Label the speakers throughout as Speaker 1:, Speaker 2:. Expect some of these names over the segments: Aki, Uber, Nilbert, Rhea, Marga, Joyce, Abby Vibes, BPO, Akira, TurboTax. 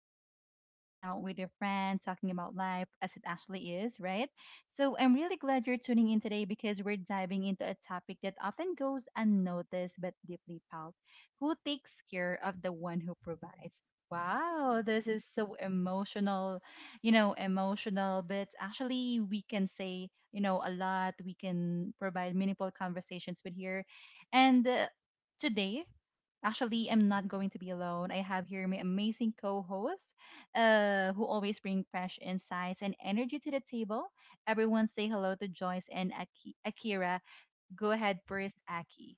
Speaker 1: know, like you're just hanging out with your friends, talking about life as it actually is, right? So I'm really glad you're tuning in today because we're diving into a topic that often goes unnoticed but deeply felt. Who takes care of the one who provides? Wow, this is so emotional, you know, emotional, but actually we can say, you know, a lot. We can provide meaningful conversations with here. And Today, actually, I'm not going to be alone. I have here my amazing co-host, who always bring fresh insights and energy to the table. Everyone, say hello to Joyce and Akira. Go ahead first, Aki.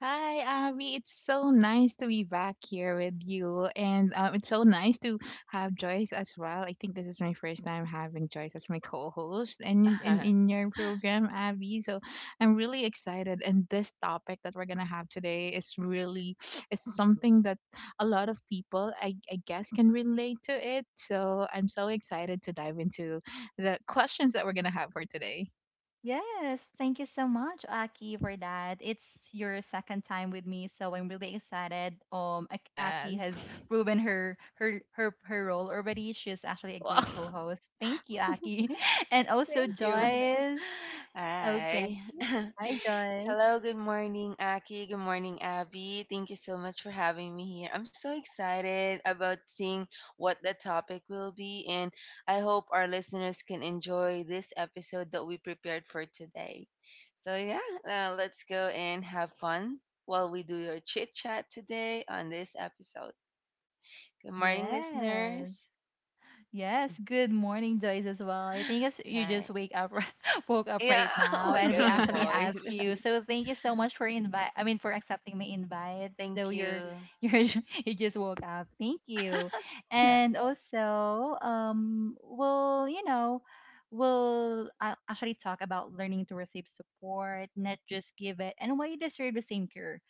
Speaker 2: Hi, Abby. It's so nice to be back here with you. And it's so nice to have Joyce as well. I think this is my first time having Joyce as my co host and in your program, Abby. So I'm really excited. And this topic that we're going to have today is something that a lot of people, I guess, can relate to it. So I'm so excited to dive into the questions that we're going to have for today.
Speaker 1: Yes, thank you so much, Aki, for that. It's your second time with me, so I'm really excited. Aki
Speaker 2: Yes.
Speaker 1: has proven her role already. She's actually a
Speaker 2: Wow.
Speaker 1: great co-host. Thank you, Aki, and also
Speaker 2: Thank you.
Speaker 1: Joyce. Okay.
Speaker 3: Hi.
Speaker 1: Hi, Joyce.
Speaker 3: Hello, good morning, Aki. Good morning, Abby. Thank you so much for having me here. I'm so excited about seeing what the topic will be, and I hope our listeners can enjoy this episode that we prepared for today. So, yeah, let's go and have fun while we do your chit chat today on this episode. Good morning,
Speaker 1: Yes.
Speaker 3: listeners.
Speaker 1: Yes. Good morning, Joyce, as well. I think it's, you just
Speaker 3: Hi.
Speaker 1: wake up, woke up
Speaker 3: Yeah,
Speaker 1: right
Speaker 3: oh
Speaker 1: now,
Speaker 3: my
Speaker 1: and we
Speaker 3: god, my
Speaker 1: actually ask
Speaker 3: voice.
Speaker 1: you. So thank you so much for invite. I mean, for accepting my invite, though
Speaker 3: Thank
Speaker 1: you're
Speaker 3: you.
Speaker 1: you just woke up. Thank you.
Speaker 3: Yeah.
Speaker 1: And also, we'll you know, we'll actually talk about learning to receive support, not just give it, and why you deserve the same care.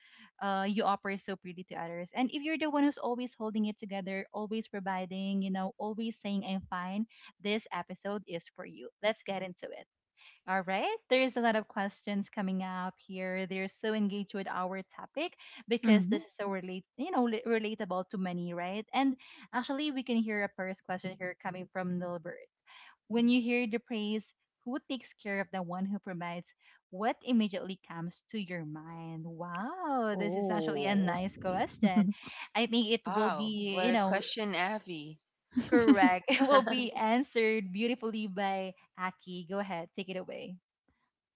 Speaker 1: Uh, you offer so pretty to others. And if you're the one who's always holding it together, always providing, you know, always saying I'm fine, this episode is for you. Let's get into it. All right, there's a lot of questions coming up here. They're so engaged with our topic because
Speaker 2: Mhm.
Speaker 1: this is so relate, relatable to many, right? And actually, we can hear a first question here coming from Nilbert. When you hear the praise, who takes care of the one who provides? What immediately comes to your mind? Wow, this is actually a
Speaker 2: Oh.
Speaker 1: nice question. I think it will
Speaker 3: Wow.
Speaker 1: be,
Speaker 3: What
Speaker 1: you
Speaker 3: a
Speaker 1: know,
Speaker 3: question, Abby.
Speaker 1: correct. It will be answered beautifully by Aki. Go ahead, take it away.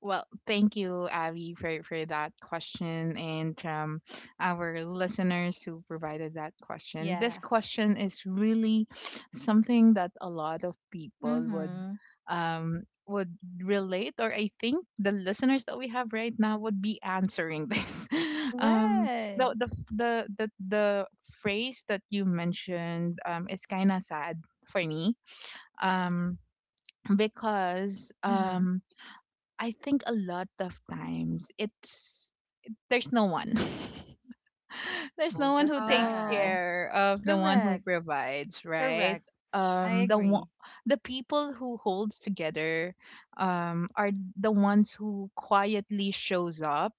Speaker 2: Well, thank you, Abby, for, that question and our listeners who provided that question. This
Speaker 1: Yeah.
Speaker 2: question is really something that a lot of people would,
Speaker 1: Mhm.
Speaker 2: um, would relate, or I think the listeners that we have right now would be answering this. Um, the,
Speaker 1: Right.
Speaker 2: the the the phrase that you mentioned is kind of sad for me. Um, because
Speaker 1: Mhm.
Speaker 2: um I think a lot of times it's there's no one. There's
Speaker 3: Oh,
Speaker 2: no one who
Speaker 3: that's
Speaker 2: takes
Speaker 1: Oh,
Speaker 3: sad.
Speaker 2: care of the one who
Speaker 1: correct.
Speaker 2: provides, right?
Speaker 1: Correct. I
Speaker 2: Um the one
Speaker 1: agree.
Speaker 2: the people who holds together are the ones who quietly shows up,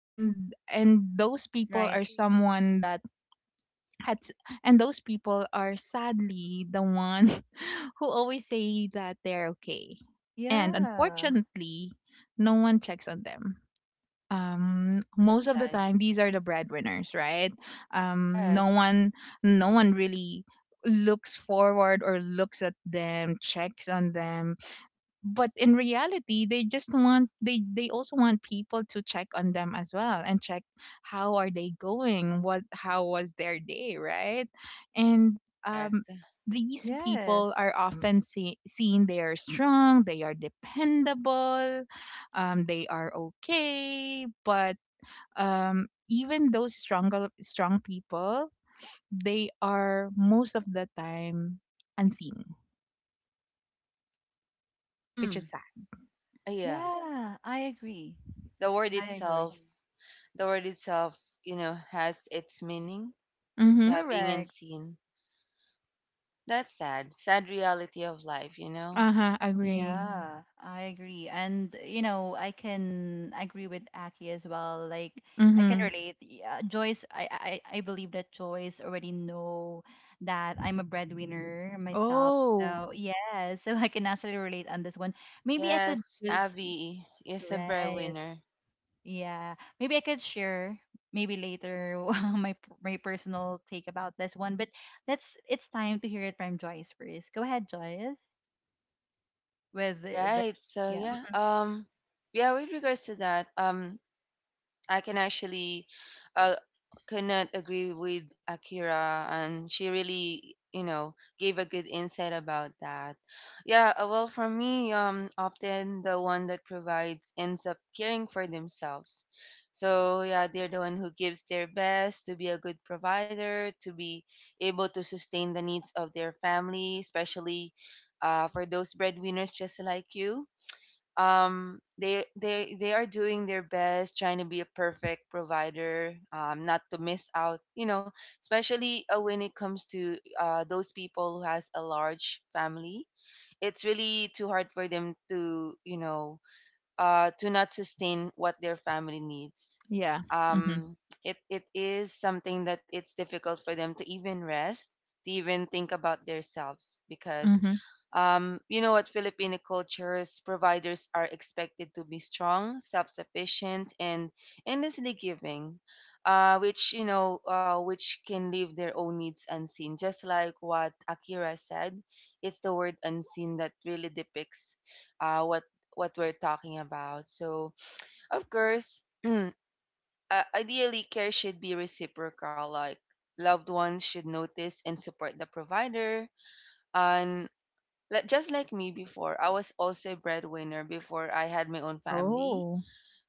Speaker 2: and those people
Speaker 1: Right.
Speaker 2: are someone that had and those people are sadly the one who always say that they're okay. And
Speaker 1: Yeah.
Speaker 2: unfortunately, no one checks on them. Most
Speaker 3: That's
Speaker 2: of the
Speaker 3: sad.
Speaker 2: time, these are the breadwinners, right? Um, no
Speaker 3: Yes.
Speaker 2: one, no one really looks forward or looks at them, checks on them, but in reality they just want, they also want people to check on them as well, and check how are they going, what, how was their day, right? And um
Speaker 3: Correct.
Speaker 2: these
Speaker 1: Yes.
Speaker 2: people are often seen, they are strong, they are dependable, they are okay. But even those strong people, they are most of the time unseen, which is
Speaker 3: Mm.
Speaker 2: sad.
Speaker 3: Yeah.
Speaker 1: Yeah, I agree.
Speaker 3: The word
Speaker 1: I agree.
Speaker 3: itself, the word itself, you know, has its meaning.
Speaker 2: Mm-hmm.
Speaker 3: Yeah, being
Speaker 1: Correct.
Speaker 3: unseen. That's sad. Sad reality of life, you know?
Speaker 2: Uh-huh, agree.
Speaker 1: Yeah, I agree. And, you know, I can agree with Aki as well. Like, I can
Speaker 2: Mhm.
Speaker 1: relate. Yeah, Joyce, I believe that Joyce already know that I'm a breadwinner myself.
Speaker 2: Oh,
Speaker 1: So, yeah, so I can actually relate on this one. Maybe I could
Speaker 3: Yes,
Speaker 1: just,
Speaker 3: Abby is a
Speaker 1: right.
Speaker 3: breadwinner.
Speaker 1: Yeah, maybe I could share maybe later my my personal take about this one. But let's, it's time to hear it from Joyce first. Go ahead, Joyce, with
Speaker 3: All
Speaker 1: the
Speaker 3: right. So yeah, yeah, with regards to that, I can actually uh, cannot agree with Akira, and she really, you know, gave a good insight about that. Yeah, well, for me, often the one that provides ends up caring for themselves. So yeah, they're the one who gives their best to be a good provider, to be able to sustain the needs of their family, especially for those breadwinners just like you. They are doing their best trying to be a perfect provider, not to miss out, you know, especially when it comes to those people who has a large family. It's really too hard for them to, you know, to not sustain what their family needs.
Speaker 2: yeah. Mhm.
Speaker 3: um it is something that it's difficult for them to even rest, to even think about themselves because,
Speaker 2: Mhm.
Speaker 3: you know what, Filipino cultures, providers are expected to be strong, self-sufficient, and endlessly giving, which, you know, which can leave their own needs unseen. Just like what Akira said, it's the word unseen that really depicts uh, what what we're talking about. So, of course, uh, ideally, care should be reciprocal. Like loved ones should notice and support the provider, and like just like me before, I was also a breadwinner before I had my own family.
Speaker 2: Oh.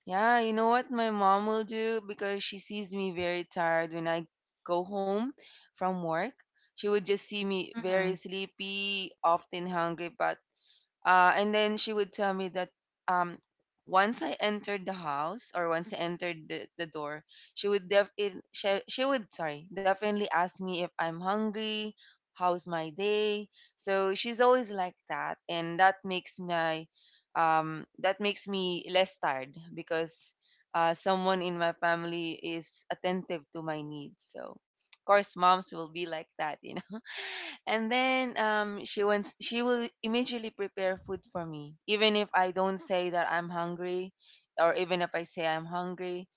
Speaker 3: Yeah, you know what my mom will do, because she sees me very tired when I go home from work. She would just see me very
Speaker 1: yeah.
Speaker 3: sleepy, often hungry, but and then she would tell me that, um, once I entered the house or once I entered the door, she would she would, sorry, definitely ask me if I'm hungry, how's my day. So she's always like that, and that makes my, that makes me less tired because someone in my family is attentive to my needs. So of course moms will be like that, you, and then, she will immediately prepare food for me, even if I don't say that I'm hungry or even if I say I'm hungry.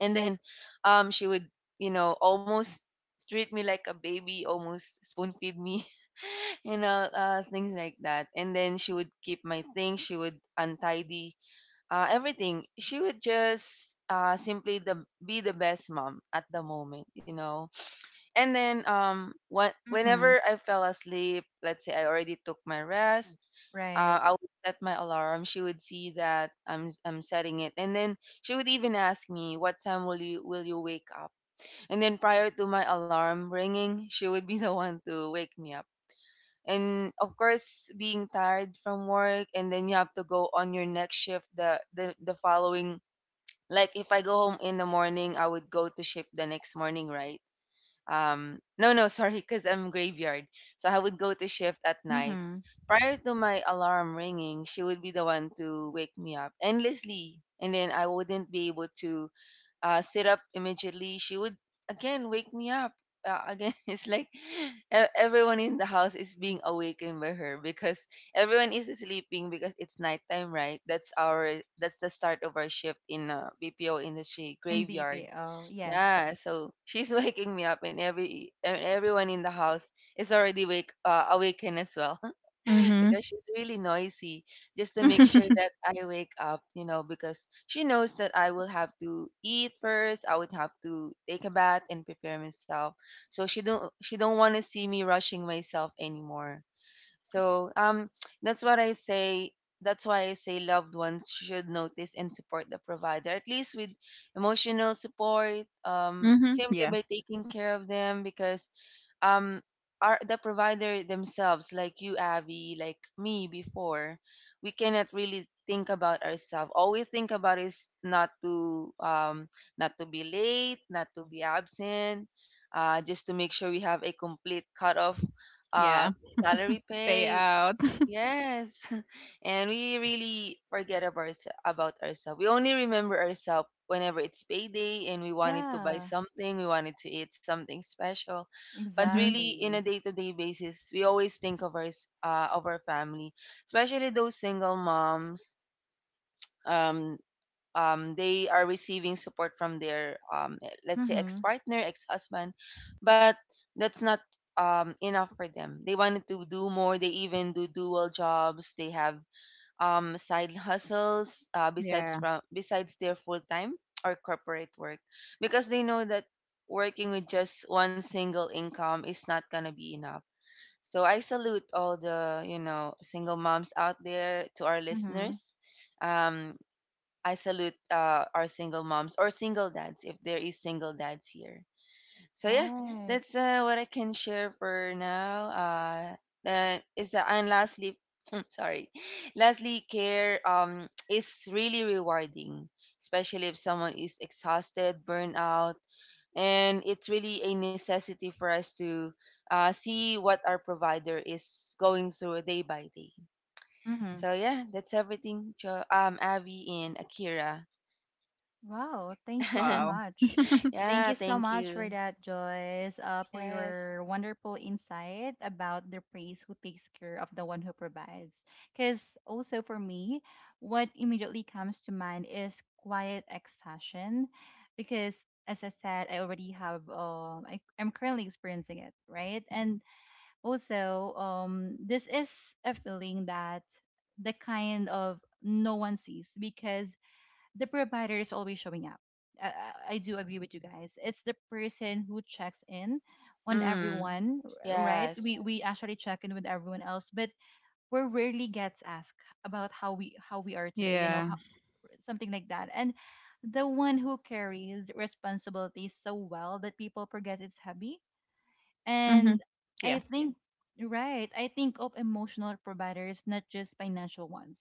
Speaker 3: And then, she would, you know, almost treat me like a baby, almost spoon feed me, you know, things like that. And then she would keep my things, she would untidy everything. She would just simply the be the best mom at the moment, you know. And then what
Speaker 1: Mm-hmm.
Speaker 3: whenever I fell asleep, let's say I already took my rest,
Speaker 1: Right.
Speaker 3: I would set my alarm. She would see that I'm setting it, and then she would even ask me, "What time will you wake up?" And then prior to my alarm ringing, she would be the one to wake me up. And of course, being tired from work, and then you have to go on your next shift the following. Like if I go home in the morning, I would go to shift the next morning, right? No, no, sorry, because I'm graveyard. So I would go to shift at night.
Speaker 1: Mm-hmm.
Speaker 3: Prior to my alarm ringing, she would be the one to wake me up endlessly. And then I wouldn't be able to sit up immediately. She would again wake me up. Again, it's like everyone in the house is being awakened by her because everyone is sleeping because it's nighttime, right? That's the start of our shift in BPO industry
Speaker 1: In
Speaker 3: graveyard.
Speaker 1: BPO. Yes.
Speaker 3: Yeah, so she's waking me up, and everyone in the house is already wake awakened as well,
Speaker 2: Mhm.
Speaker 3: because she's really noisy. Just to make sure
Speaker 2: Mhm.
Speaker 3: that I wake up, you know, because she knows that I will have to eat first. I would have to take a bath and prepare myself. So she don't want to see me rushing myself anymore. So, that's what I say. That's why I say loved ones should notice and support the provider, at least with emotional support, simply
Speaker 2: Yeah,
Speaker 3: by taking care of them, because, um, our, the provider themselves, like you, Abby, like me before, we cannot really think about ourselves. All we think about is not to be late, not to be absent, just to make sure we have a complete cut off uh,
Speaker 2: yeah.
Speaker 3: salary
Speaker 2: Pay
Speaker 3: pay.
Speaker 2: out.
Speaker 3: Yes. And we really forget of ours about ourselves. We only remember ourselves whenever it's payday and we wanted to buy
Speaker 1: Yeah.
Speaker 3: something, we wanted to eat something special. But
Speaker 2: Mhm.
Speaker 3: really in a
Speaker 1: Exactly.
Speaker 3: day-to-day basis, we always think of our family, especially those single moms. Um they are receiving support from their, let's say,
Speaker 1: Mm-hmm.
Speaker 3: ex-partner ex-husband, but that's not, enough for them. They wanted to do more. They even do dual jobs. They have side hustles,
Speaker 2: Yeah.
Speaker 3: besides their full-time or corporate work, because they know that working with just one single income is not gonna be enough. So I salute all the, you know, single moms out there, to our
Speaker 1: Mm-hmm.
Speaker 3: listeners. um, I salute our single moms or single dads, if there is single dads here. So yeah,
Speaker 1: Right.
Speaker 3: that's what I can share for now. Is and lastly, sorry, lastly, care is really rewarding, especially if someone is exhausted, burned out, and it's really a necessity for us to see what our provider is going through day by day.
Speaker 1: Mm-hmm.
Speaker 3: So yeah, that's everything. Abby and Akira.
Speaker 1: Wow, thank you so
Speaker 2: Wow.
Speaker 1: much. Thank
Speaker 3: Yeah,
Speaker 1: you so
Speaker 3: thank
Speaker 1: much for
Speaker 3: you.
Speaker 1: that, Joyce, for
Speaker 3: Yes.
Speaker 1: your wonderful insight about the praise who takes care of the one who provides. Because also for me, what immediately comes to mind is quiet exhaustion. Because as I said, I already have, I'm currently experiencing it, right? And also, this is a feeling that the kind of no one sees because the provider is always showing up. I, I do agree with you guys. It's the person who checks in on
Speaker 3: Mm.
Speaker 1: everyone, right?
Speaker 3: Yes.
Speaker 1: We actually check in with everyone else, but we rarely gets asked about how we are today. You know,
Speaker 2: Yeah.
Speaker 1: how, something like that. And the one who carries responsibilities so well that people forget it's heavy and
Speaker 2: Mhm.
Speaker 1: I
Speaker 2: Yeah.
Speaker 1: think, right, I think of emotional providers, not just financial ones.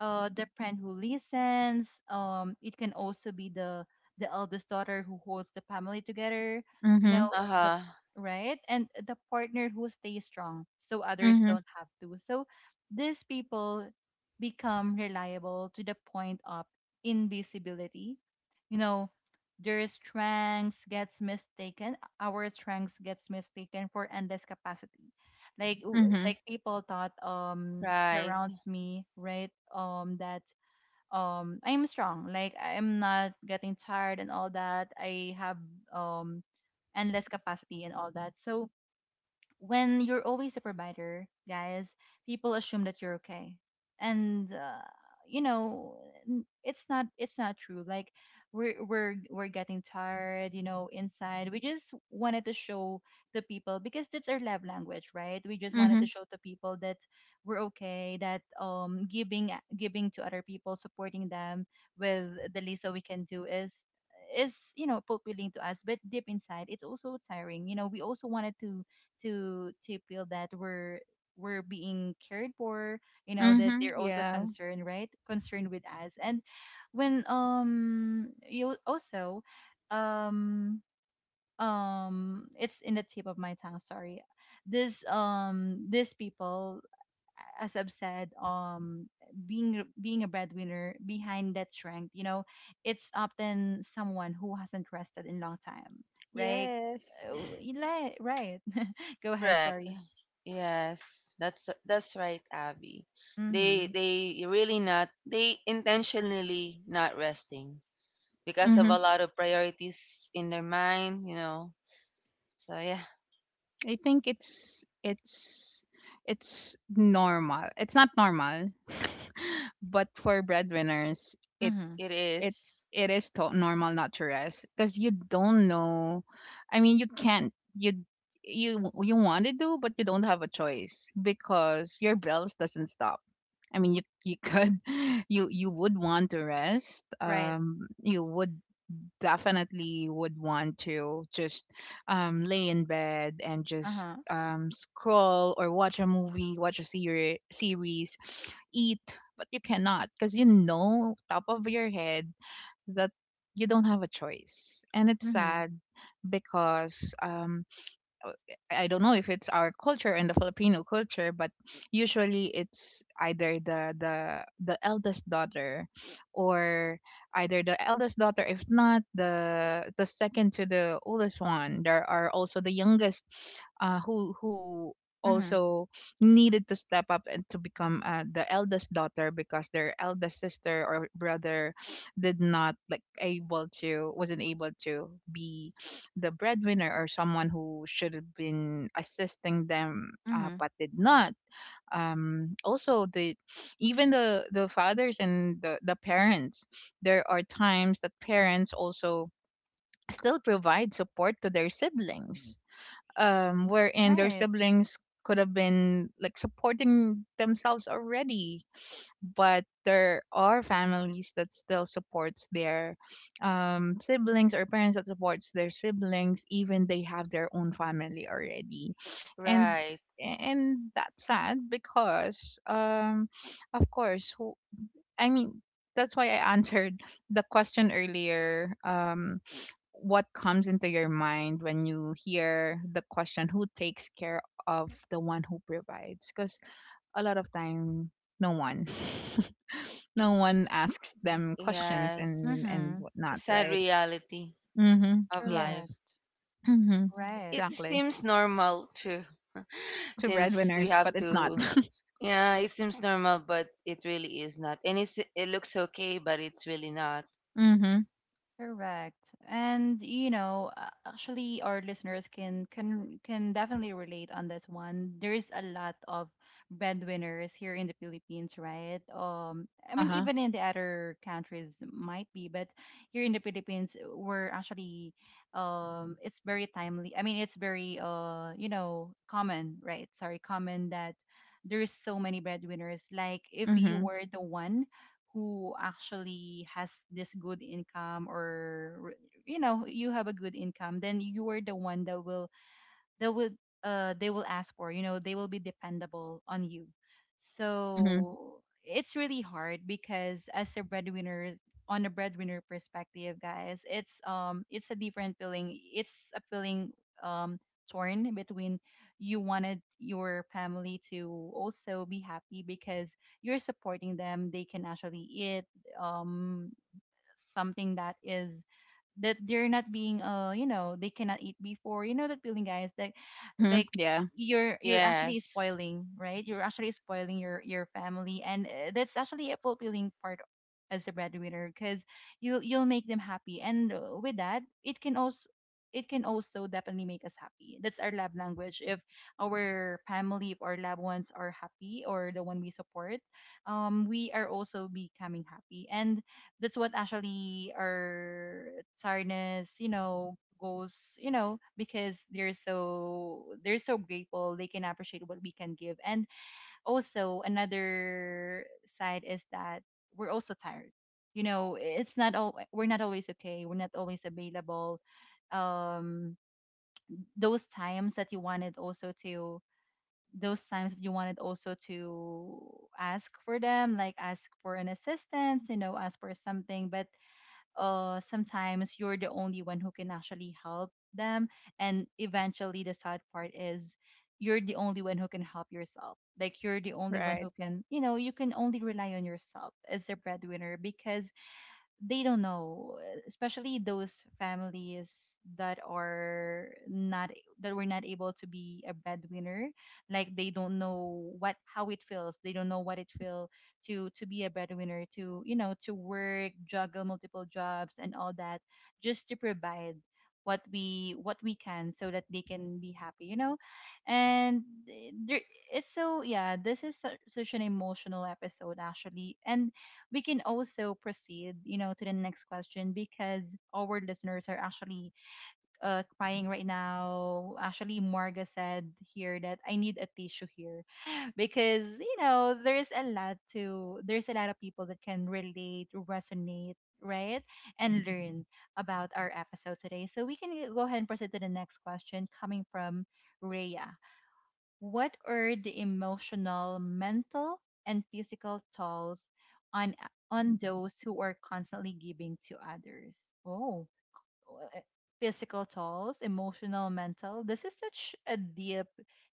Speaker 1: The friend who listens. It can also be the eldest daughter who holds the family together. You
Speaker 2: Mhm.
Speaker 1: know the
Speaker 3: Uh-huh.
Speaker 1: right and the partner who stays strong so others
Speaker 2: Mhm.
Speaker 1: don't have to. So these people become reliable to the point of invisibility. You know, their strengths gets mistaken our strengths gets mistaken for endless capacity
Speaker 2: Mhm.
Speaker 1: like people thought
Speaker 3: Right.
Speaker 1: surrounds me right that I'm strong like I'm not getting tired and all that I have um endless capacity and all that. So when you're always a provider, guys, people assume that you're okay, and you know, it's not, it's not true. Like we're getting tired, you know, inside. We just wanted to show the people because that's our love language, right? We just wanted to
Speaker 2: Mhm.
Speaker 1: show the people that we're okay, that giving, giving to other people, supporting them with the least that we can do is, you know, fulfilling to us, but deep inside it's also tiring, you know. We also wanted to feel that we're being cared for, you know, that
Speaker 2: Mhm.
Speaker 1: they're also
Speaker 2: Yeah.
Speaker 1: concerned, right, concerned with us. And when you also um it's in the tip of my tongue, sorry, this these people, as I've said, being a breadwinner, behind that strength, you know, it's often someone who hasn't rested in long time, right?
Speaker 2: Yes.
Speaker 1: Uh, Right. Go ahead.
Speaker 3: Correct.
Speaker 1: Sorry.
Speaker 3: Yes. That's right, Abby. They
Speaker 1: Mhm.
Speaker 3: they really not they intentionally not resting, because of
Speaker 2: Mhm.
Speaker 3: a lot of priorities in their mind, you know. So yeah,
Speaker 2: I think it's normal. It's not normal, but for breadwinners,
Speaker 1: Mhm.
Speaker 3: it
Speaker 2: it
Speaker 3: is.
Speaker 2: it is to- normal not to rest because you don't know, I mean you can't, you you want to do, but you don't have a choice because your bills doesn't stop. I mean you could, you would want to rest.
Speaker 1: Right.
Speaker 2: You would definitely would want to just lay in bed and
Speaker 1: Uh
Speaker 2: just
Speaker 1: huh.
Speaker 2: scroll or watch a movie, watch a seri- series, eat, but you cannot because you know top of your head that you don't have a choice. And it's
Speaker 1: Mhm.
Speaker 2: sad because uh, I don't know if it's our culture and the Filipino culture, but usually it's either the the eldest daughter, or either the eldest daughter, if not the the second to the oldest one. There are also the youngest, who
Speaker 1: Mhm.
Speaker 2: also needed to step up and to become the eldest daughter because their eldest sister or brother did not like able to wasn't able to be the breadwinner, or someone who should have been assisting them,
Speaker 1: Mhm.
Speaker 2: but did not. Also the Even the fathers and the parents, there are times that parents also still provide support to their siblings, wherein their
Speaker 1: Right.
Speaker 2: siblings could have been like supporting themselves already, but there are families that still supports their siblings, or parents that supports their siblings even they have their own family already. and
Speaker 3: Right.
Speaker 2: and that's sad because of course, who, I mean, that's why I answered the question earlier, what comes into your mind when you hear the question, who takes care of the one who provides? Because a lot of time, no one, no one asks them questions
Speaker 3: Yes.
Speaker 2: and
Speaker 1: Mhm.
Speaker 2: whatnot,
Speaker 3: Sad
Speaker 2: right?
Speaker 3: reality
Speaker 2: mm-hmm
Speaker 3: of
Speaker 2: yeah.
Speaker 3: life.
Speaker 1: Correct.
Speaker 2: mm-hmm
Speaker 3: But it,
Speaker 1: Right.
Speaker 3: it
Speaker 2: exactly.
Speaker 3: seems normal too,
Speaker 2: Two
Speaker 3: since we
Speaker 2: breadwinners,
Speaker 3: have
Speaker 2: but it's not.
Speaker 3: to. Yeah, it seems normal, but it really is not. And it looks okay, but it's really not.
Speaker 2: mm-hmm
Speaker 1: Correct. And you know, actually our listeners can, can definitely relate on this one. There's a lot of breadwinners here in the Philippines, right? Um, I mean
Speaker 2: uh-huh.
Speaker 1: even in the other countries might be, but here in the Philippines we're actually it's very timely. I mean it's very you know, common, right? Sorry, common that there's so many breadwinners, like if you
Speaker 2: mm-hmm
Speaker 1: were the one who actually has this good income, or you know you have a good income, then you are the one that will, they will, they will ask for, you know, they will be dependable on you.
Speaker 2: mm-hmm
Speaker 1: So it's really hard because as a breadwinner, on a breadwinner perspective, guys, it's a different feeling. It's a feeling um torn between, you wanted your family to also be happy because you're supporting them, they can actually eat um something that is that they're not being, you know, they cannot eat before, you know that feeling, guys, that
Speaker 2: mm-hmm
Speaker 1: like,
Speaker 2: yeah.
Speaker 1: you're actually
Speaker 3: Yes.
Speaker 1: spoiling, right, you're actually spoiling your family. And that's actually a fulfilling part as a breadwinner, because you'll make them happy. And with that it can also, it can also definitely make us happy. That's our love language. If our family, if our loved ones are happy, or the one we support, we are also becoming happy. And that's what actually our tiredness, you know, goes, you know, because they're so, they're so grateful. They can appreciate what we can give. And also another side is that we're also tired. You know, it's not all, we're not always okay. We're not always available. Um those times that you wanted also to, those times that you wanted also to ask for them, like ask for an assistance, you know, ask for something, but sometimes you're the only one who can actually help them. And eventually, the sad part is you're the only one who can help yourself. Like, you're the only one who
Speaker 2: Right.
Speaker 1: can, you know, you can only rely on yourself as a breadwinner, because they don't know, especially those families that are not, that were not able to be a breadwinner. Like they don't know what, how it feels. They don't know what it feels to be a breadwinner, to, you know, to work, juggle multiple jobs and all that, just to provide what we, what we can, so that they can be happy, you know. And eh, there it's so, yeah, this is such an emotional episode actually. And we can also proceed, you know, to the next question, because our listeners are actually crying right now. Actually, Marga said here that I need a tissue here, because you know there's a lot to, there's a lot of people that can relate, resonate, right, and learn about our episode today. So we can go ahead and proceed to the next question coming from Rhea. What are the emotional, mental, and physical tolls on, those who are constantly giving to others? Oh, uh, physical tolls, emotional, mental. This is such a deep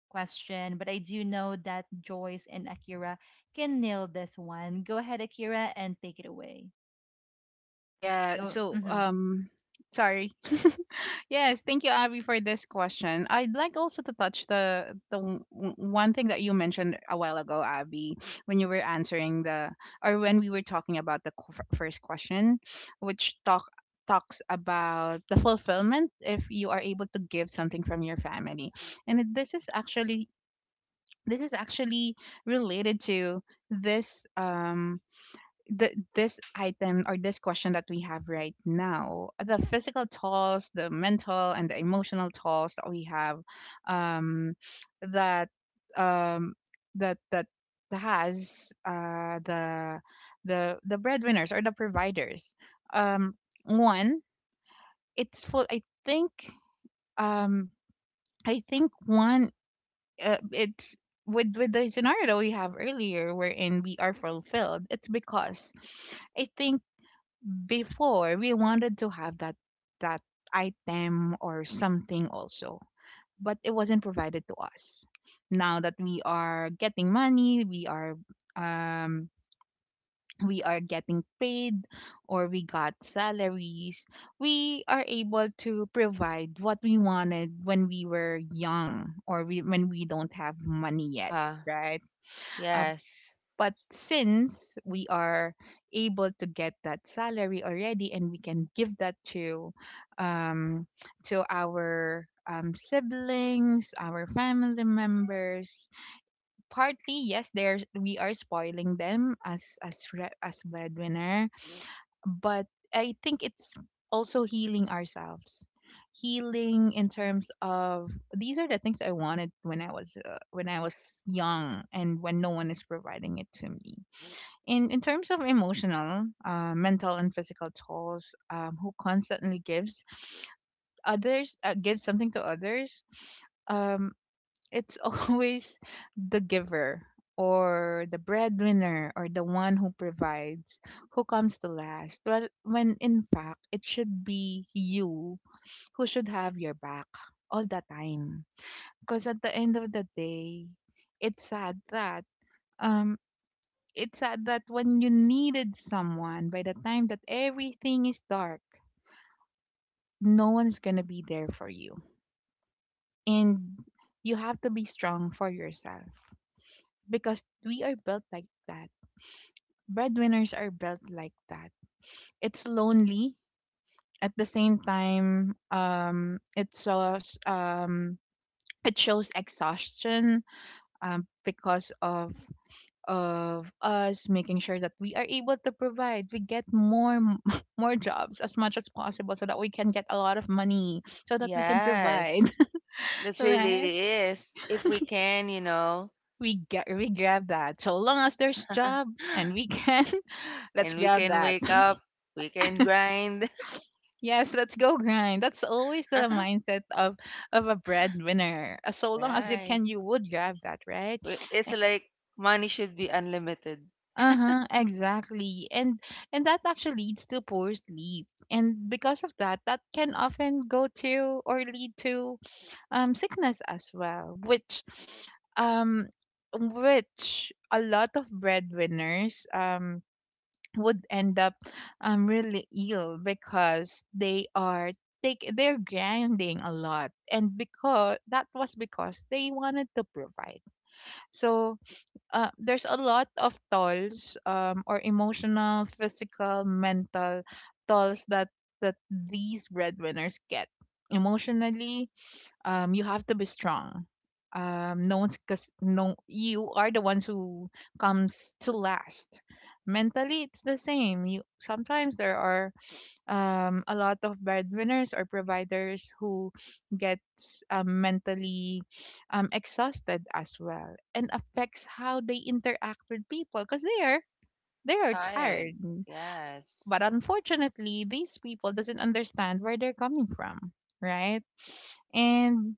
Speaker 1: question, but I do know that Joyce and Akira can nail this one. Go ahead, Akira, and take it away.
Speaker 2: Yeah.
Speaker 1: Go.
Speaker 2: So,
Speaker 1: Hmm.
Speaker 2: sorry. Yes. Thank you, Abby, for this question. I'd like also to touch one thing that you mentioned a while ago, Abby, when you were answering the, or when we were talking about the qu- f- first question, which talks about the fulfillment if you are able to give something from your family, and it- this is actually related to this um this item, or this question that we have right now, the physical tolls, the mental, and the emotional tolls that we have um that um that that has the breadwinners or the providers. Um one it's full um I think one it's With the scenario that we have earlier wherein we are fulfilled, it's because I think before we wanted to have that item or something also, but it wasn't provided to us. Now that we are getting money, we are, um we are getting paid, or we got salaries, we are able to provide what we wanted when we were young, or we, when we don't have money
Speaker 3: Uh
Speaker 2: yet,
Speaker 3: huh.
Speaker 2: right?
Speaker 3: Yes.
Speaker 2: But since we are able to get that salary already, and we can give that um, to our siblings, our family members, partly yes, there's we are spoiling them as as breadwinner, but I think it's also healing ourselves, healing in terms of these are the things I wanted when I was young and when no one is providing it to me. In terms of emotional, mental, and physical tolls, who constantly gives others, gives something to others, um, it's always the giver, or the breadwinner, or the one who provides who comes to last. Well, when in fact it should be you who should have your back all the time. Because at the end of the day, it's sad that um when you needed someone, by the time that everything is dark, no one's gonna be there for you. And you have to be strong for yourself because we are built like that. Breadwinners are built like that. It's lonely at the same time. It shows exhaustion, because of us making sure that we are able to provide. We get more m- more jobs as much as possible so that we can get a lot of money, so that we can provide.
Speaker 3: Yes. This really
Speaker 2: Right,
Speaker 3: is. If we can, you know,
Speaker 2: we get, we grab that so long as there's job, and we can. Let's
Speaker 3: and we
Speaker 2: grab
Speaker 3: can
Speaker 2: that.
Speaker 3: wake up, we can grind.
Speaker 2: Yes, let's go grind. That's always the mindset of a breadwinner. So long as you
Speaker 3: right.
Speaker 2: can, you would grab that, right?
Speaker 3: It's like money should be unlimited.
Speaker 2: Uh-huh, exactly. And that actually leads to poor sleep. And because of that, that can often go to, or lead to, sickness as well, which um which a lot of breadwinners would end up really ill because they are take they're grinding a lot, and because that was because they wanted to provide. So there's a lot of tolls, or emotional, physical, mental tolls that that these breadwinners get. Emotionally, you have to be strong. No one's, because no, you are the ones who comes to last. Mentally, it's the same. You sometimes there are a lot of breadwinners or providers who gets mentally exhausted as well, and affects how they interact with people because they are tired,
Speaker 3: Tired.
Speaker 2: but
Speaker 3: Yes.
Speaker 2: unfortunately these people doesn't understand where they're coming from, right? and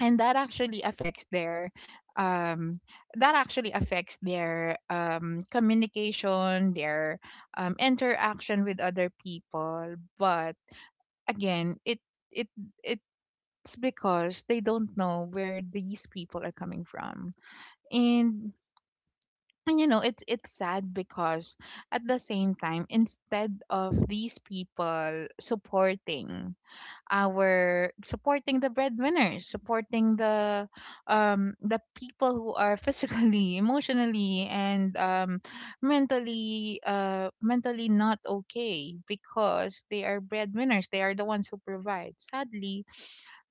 Speaker 2: and that actually affects their um communication, their interaction with other people. But again, it it's because they don't know where these people are coming from. And and you know, it's sad because at the same time, instead of these people supporting our supporting the breadwinners, supporting the people who are physically, emotionally, and mentally not okay because they are breadwinners, they are the ones who provide, sadly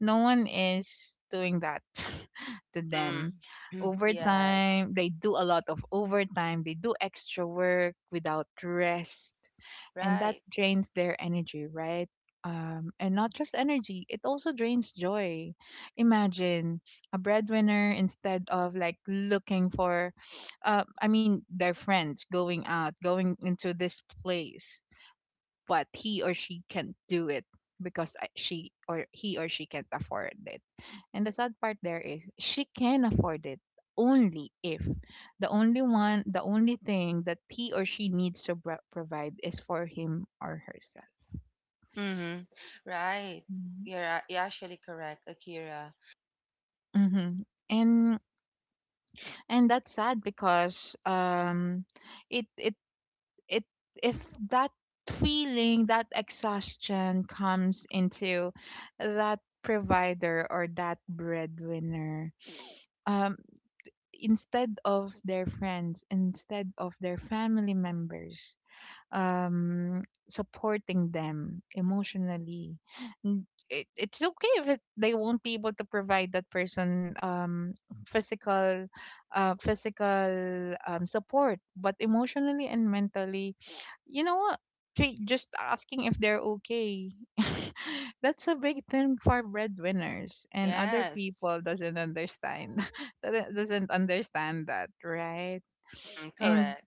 Speaker 2: no one is doing that to them.
Speaker 3: Mm-hmm.
Speaker 2: Overtime,
Speaker 3: yes.
Speaker 2: they do a lot of overtime, they do extra work without rest, and that
Speaker 3: Right.
Speaker 2: drains their energy, right? And not just energy, it also drains joy. Imagine a breadwinner instead of like looking for, I mean, their friends going out, going into this place, but he or she can't do it because I- she or he or she can't afford it. And the sad part there is she can afford it only if the only thing that he or she needs to bro- provide is for him or herself.
Speaker 3: Mm-hmm. Right. You're actually correct, Akira.
Speaker 2: Mm-hmm. And and that's sad because it it it if that feeling, that exhaustion, comes into that provider or that breadwinner, um instead of their friends, instead of their family members, supporting them emotionally. It's okay if it, they won't be able to provide that person physical, physical support, but emotionally and mentally, you know what just asking if they're okay. That's a big thing for breadwinners, and other
Speaker 3: Yes.
Speaker 2: people doesn't understand, doesn't understand that, right?
Speaker 3: Mm-hmm.
Speaker 2: and
Speaker 3: Correct.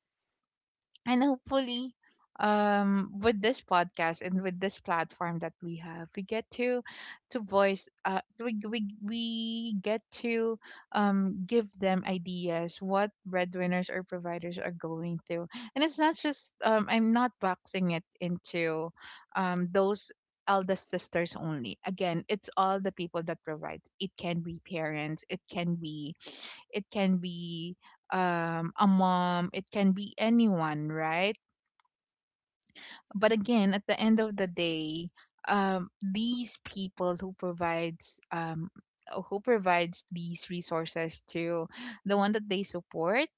Speaker 2: and hopefully, with this podcast and with this platform that we have, we get to voice, we get to give them ideas what breadwinners or providers are going through. And it's not just, I'm not boxing it into those eldest sisters only. Again, it's all the people that provides. It can be parents, it can be, it can be a mom, it can be anyone, right? But again, at the end of the day, these people who provides, who provides these resources to the one that they support,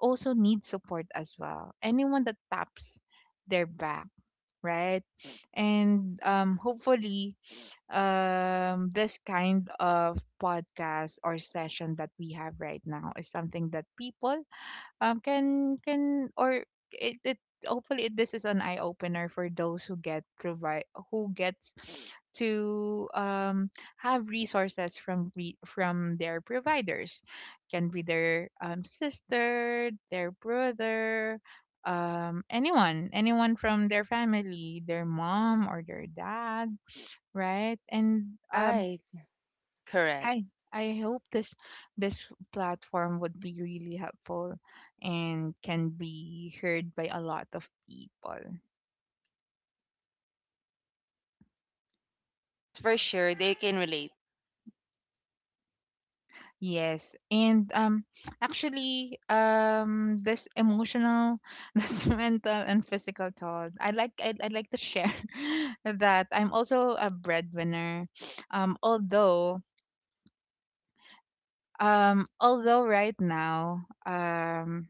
Speaker 2: also need support as well. Anyone that taps their back, right? And hopefully, this kind of podcast or session that we have right now is something that people can or it hopefully, this is an eye opener for those who get provide who gets to have resources from from their providers. Can be their sister, their brother, anyone from their family, their mom or their dad, right? and
Speaker 3: Right. Correct.
Speaker 2: Hi. I hope this this platform would be really helpful and can be heard by a lot of people.
Speaker 3: Yes, for sure. They can relate.
Speaker 2: Yes. And actually, this emotional, this mental and physical toll, I like I'd like to share that I'm also a breadwinner. Although right now,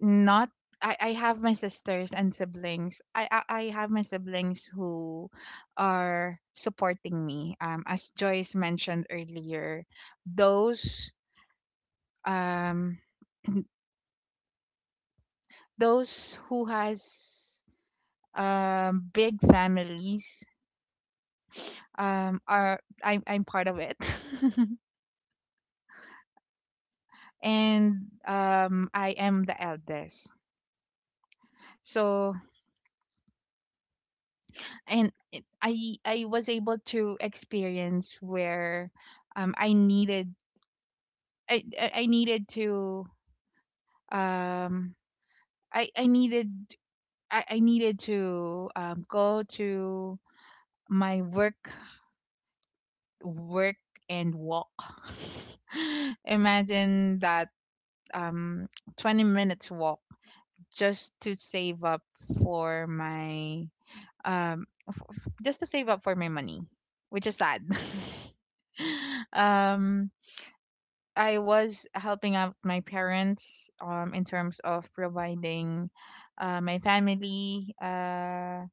Speaker 2: not I have my sisters and siblings. I have my siblings who are supporting me. As Joyce mentioned earlier, those um those who has big families, are I'm part of it, and I am the eldest. So, I was able to experience where, um, I needed I needed to um I needed I needed to go to my work, work and walk. Imagine that, um 20 minutes walk just to save up for my money, which is sad. um I was helping out my parents in terms of providing, my family,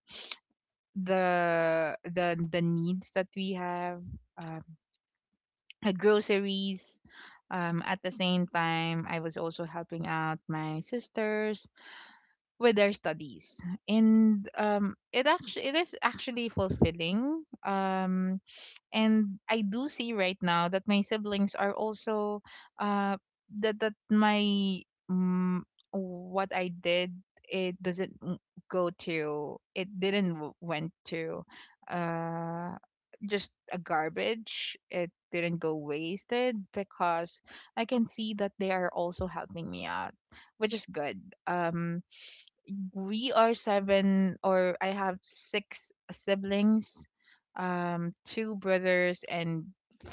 Speaker 2: the needs that we have, uh, groceries. At the same time, I was also helping out my sisters with their studies. And it is actually fulfilling. And I do see right now that my siblings are also, uh that that my mm, what I did, it doesn't w- go to it didn't w- went to uh just a garbage. It didn't go wasted because I can see that they are also helping me out, which is good. um we are seven, or I have six siblings. Two brothers and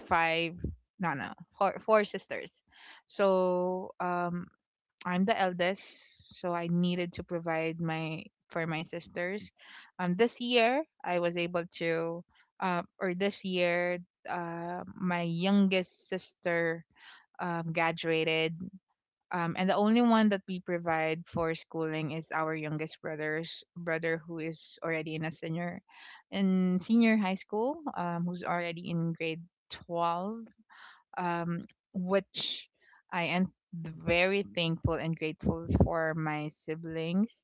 Speaker 2: five no no four, sisters. So, I'm the eldest, so I needed to provide my for my sisters. This year I was able to, or this year my youngest sister, graduated. And the only one that we provide for schooling is our youngest brother's brother, who is already in a senior, in senior high school, who's already in grade 12, um, which I am very thankful and grateful for. My siblings,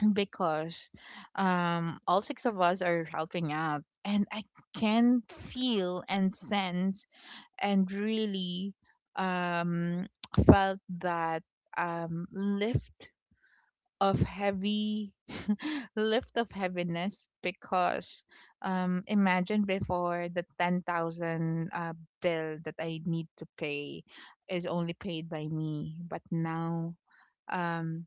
Speaker 2: because, all six of us are helping out. And I can feel and sense, and really, um, felt that lift of heavy lift of heaviness, because imagine, before the 10,000 bill that I need to pay is only paid by me, but now, um,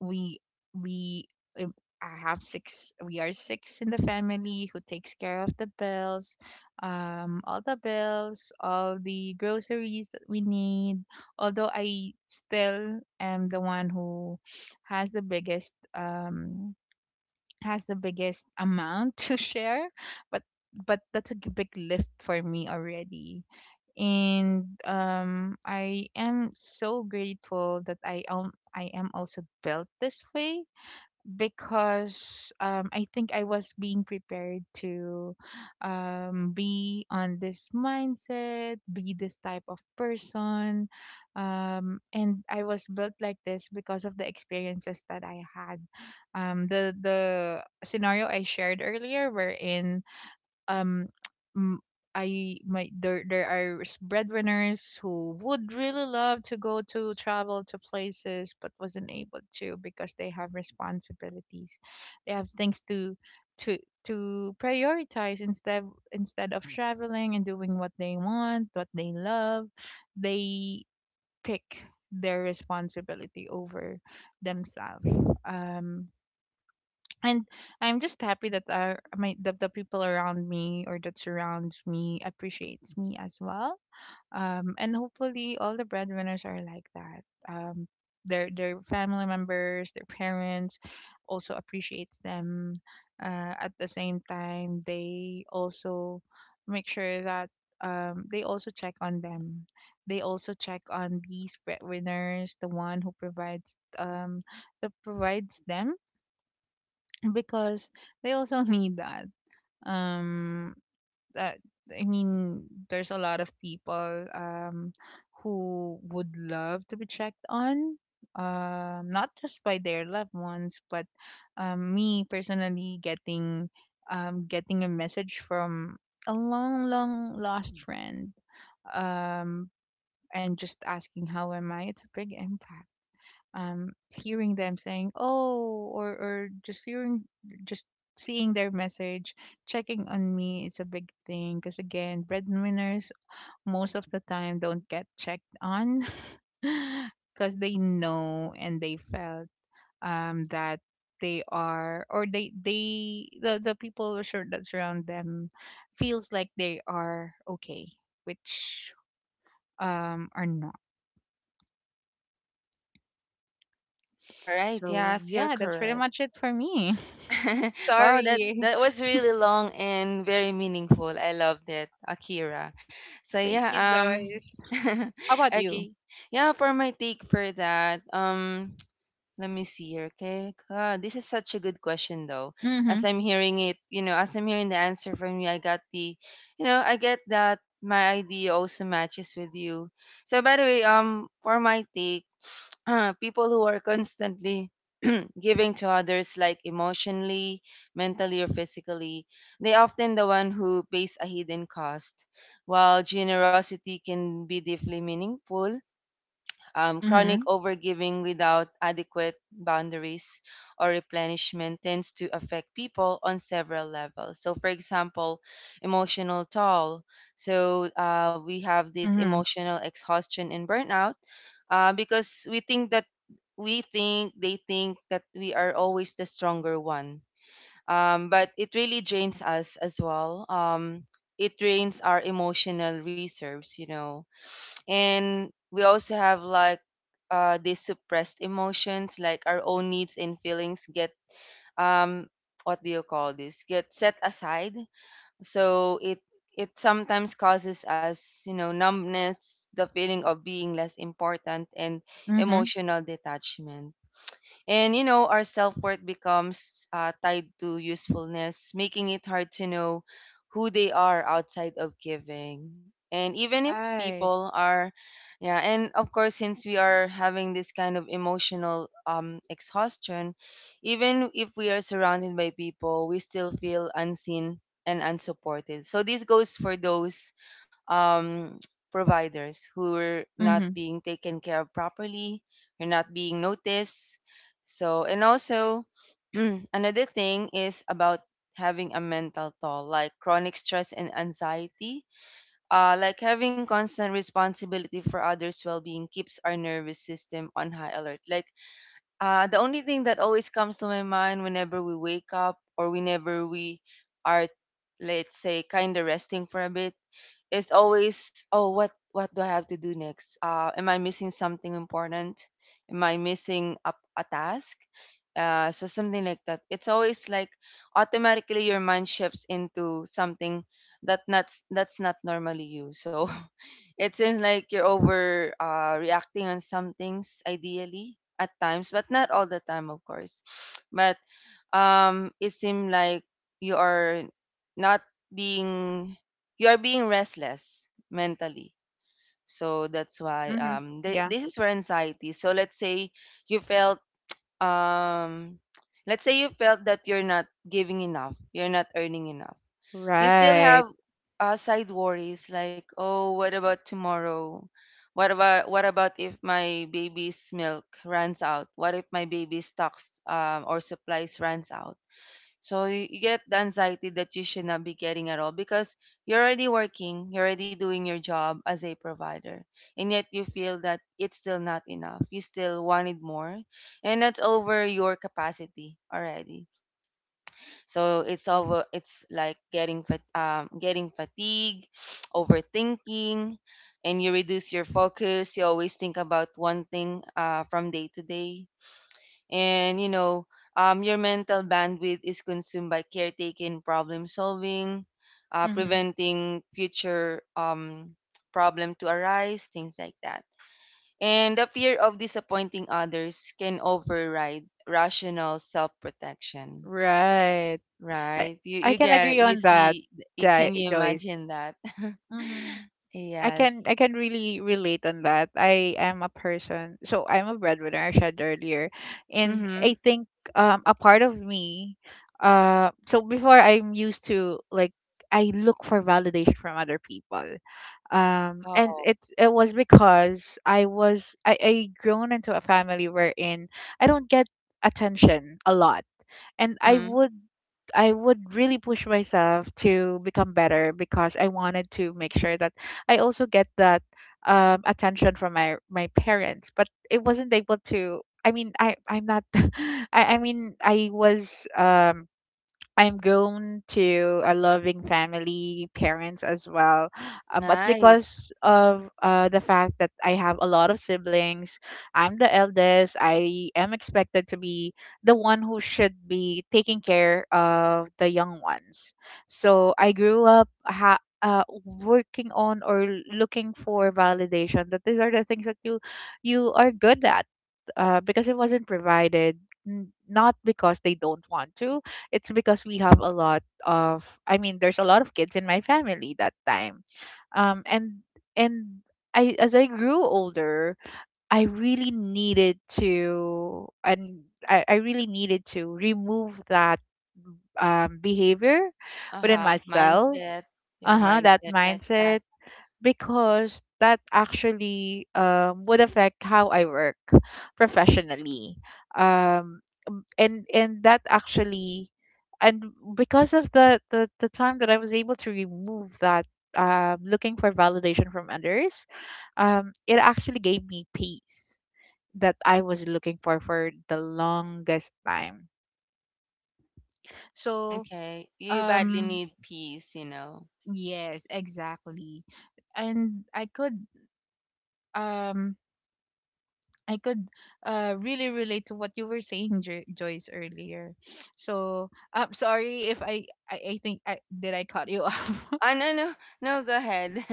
Speaker 2: we we um, I have six we are six in the family who takes care of the bills, all the bills, all the groceries that we need. Although I still am the one who has the biggest um has the biggest amount to share. but but that's a big lift for me already. And I am so grateful that I am also built this way, because I think I was being prepared to, be on this mindset, be this type of person. And I was built like this because of the experiences that I had. The scenario I shared earlier, wherein um m- I my there breadwinners who would really love to go to travel to places, but wasn't able to because they have responsibilities. They have things to to prioritize. Instead of traveling and doing what they want, what they love, they pick their responsibility over themselves. Um and I'm just happy that, my the people around me, or that surrounds me, appreciates me as well. And hopefully all the breadwinners are like that. Their family members, their parents, also appreciates them. At the same time, they also make sure that, they also check on them. They also check on these breadwinners, the one who provides, that provides them, because they also need that, um that I mean, there's a lot of people, who would love to be checked on, not just by their loved ones. But me personally, getting getting a message from a long, long lost friend, um and just asking how am I, it's a big impact. Hearing them saying oh, or just hearing just seeing their message checking on me is a big thing, because again, breadwinners most of the time don't get checked on, because they know and they felt, that they are or they the people sure that surround them feels like they are okay, which are not.
Speaker 3: All right.
Speaker 2: So
Speaker 3: Yes, you're
Speaker 2: yeah, that's pretty
Speaker 3: correct.
Speaker 2: much it for me.
Speaker 3: wow, that
Speaker 2: Sorry.
Speaker 3: that was really long and very meaningful. I loved it, Akira. So
Speaker 2: Thank
Speaker 3: yeah,
Speaker 2: you,
Speaker 3: um
Speaker 2: Joyce. How about you?
Speaker 3: okay. Yeah, for my take for that, let me see here. Okay, God, this is such a good question, though. As
Speaker 2: Mhm.
Speaker 3: I'm hearing it, you know, as I'm hearing the answer from you, I got the, you know, I get that my idea also matches with you. So, by the way, for my take, people who are constantly giving to others, like emotionally, mentally, or physically, they often the one who pays a hidden cost. While generosity can be deeply meaningful, chronic
Speaker 2: Mhm.
Speaker 3: overgiving without adequate boundaries or replenishment tends to affect people on several levels. So, for example, emotional toll. So, we have this
Speaker 2: Mhm.
Speaker 3: emotional exhaustion and burnout, because we think they think that we are always the stronger one. But it really drains us as well. It drains our emotional reserves, you know, and we also have like, these suppressed emotions, like our own needs and feelings get um what do you call this get set aside. So it sometimes causes us, you know, numbness, the feeling of being less important, and
Speaker 2: Mhm.
Speaker 3: emotional detachment. And, you know, our self worth becomes tied to usefulness, making it hard to know who they are outside of giving. And even if
Speaker 2: Right.
Speaker 3: people are, yeah, and of course, since we are having this kind of emotional, exhaustion, even if we are surrounded by people, we still feel unseen and unsupported. So this goes for those, um, providers who are not
Speaker 2: Mhm.
Speaker 3: being taken care of properly, who are not being noticed. So, and also, another thing is about having a mental toll, like chronic stress and anxiety. Like having constant responsibility for others' well being keeps our nervous system on high alert. Like, the only thing that always comes to my mind whenever we wake up or whenever we are, let's say, kind of resting for a bit, it's always, oh, what do I have to do next? Am I missing something important? Am I missing a task? So something like that. It's always like automatically your mind shifts into something that's not normally you. So it seems like you're over reacting on some things ideally at times, but not all the time, of course. But it seems like you are not being you are being restless mentally. So that's why
Speaker 2: Mhm. Yeah.
Speaker 3: this is for anxiety. So let's say you felt um let's say you felt that you're not giving enough, you're not earning enough. You still
Speaker 2: Right.
Speaker 3: have side worries like, oh, what about tomorrow, what about if my baby's milk runs out, what if my baby's stocks, or supplies, runs out. So you get the anxiety that you should not be getting at all because you're already working, you're already doing your job as a provider, and yet you feel that it's still not enough. You still wanted more, and that's over your capacity already. So it's over. It's like getting fat, getting fatigue, overthinking, and you reduce your focus. You always think about one thing, from day to day. And your mental bandwidth is consumed by caretaking, problem solving,
Speaker 2: Mhm.
Speaker 3: preventing future problem to arise, things like that. And the fear of disappointing others can override rational self-protection.
Speaker 2: Right. I
Speaker 3: Right, you
Speaker 2: I
Speaker 3: you
Speaker 2: can
Speaker 3: get it,
Speaker 2: agree
Speaker 3: you
Speaker 2: on that,
Speaker 3: see?
Speaker 2: Jai
Speaker 3: Can you
Speaker 2: Joyce.
Speaker 3: imagine that?
Speaker 2: Mhm.
Speaker 3: Yes.
Speaker 2: I can really relate on that. I am a person, so I'm a breadwinner, I said earlier. And
Speaker 3: Mm-hmm.
Speaker 2: I think, a part of me, so before, I'm used to like, I look for validation from other people. And
Speaker 3: Oh.
Speaker 2: it was because I was I grown into a family wherein I don't get attention a lot, and I
Speaker 3: Mm-hmm.
Speaker 2: would, really push myself to become better, because I wanted to make sure that I also get that attention from my parents. But it wasn't able to. I'm not I was, i'm grown to a loving family, parents as well. But
Speaker 3: Nice.
Speaker 2: because of, the fact that I have a lot of siblings, I'm the eldest, I am expected to be the one who should be taking care of the young ones. So I grew up, working on, or looking for validation, that these are the things that you are good at, because it wasn't provided. Not because they don't want to. It's because we have a lot of, I mean, there's a lot of kids in my family that time. Um and and I, as I grew older, I really needed to, and I really needed to remove that behavior within
Speaker 3: Uh-huh,
Speaker 2: myself.
Speaker 3: mindset. Your
Speaker 2: Uh-huh, that
Speaker 3: mindset like
Speaker 2: mindset,
Speaker 3: that.
Speaker 2: because that actually, would affect how I work professionally. Um, and that actually, and because of the time that I was able to remove that, looking for validation from others, it actually gave me peace that I was looking for the longest time.
Speaker 3: Mm,
Speaker 2: So,
Speaker 3: okay. You badly
Speaker 2: um,
Speaker 3: need peace.
Speaker 2: yes, exactly. And I could, um I could really relate to what you were saying, Joyce, earlier. So I'm sorry if I think I cut you off.
Speaker 3: Oh, no, no, no, go ahead.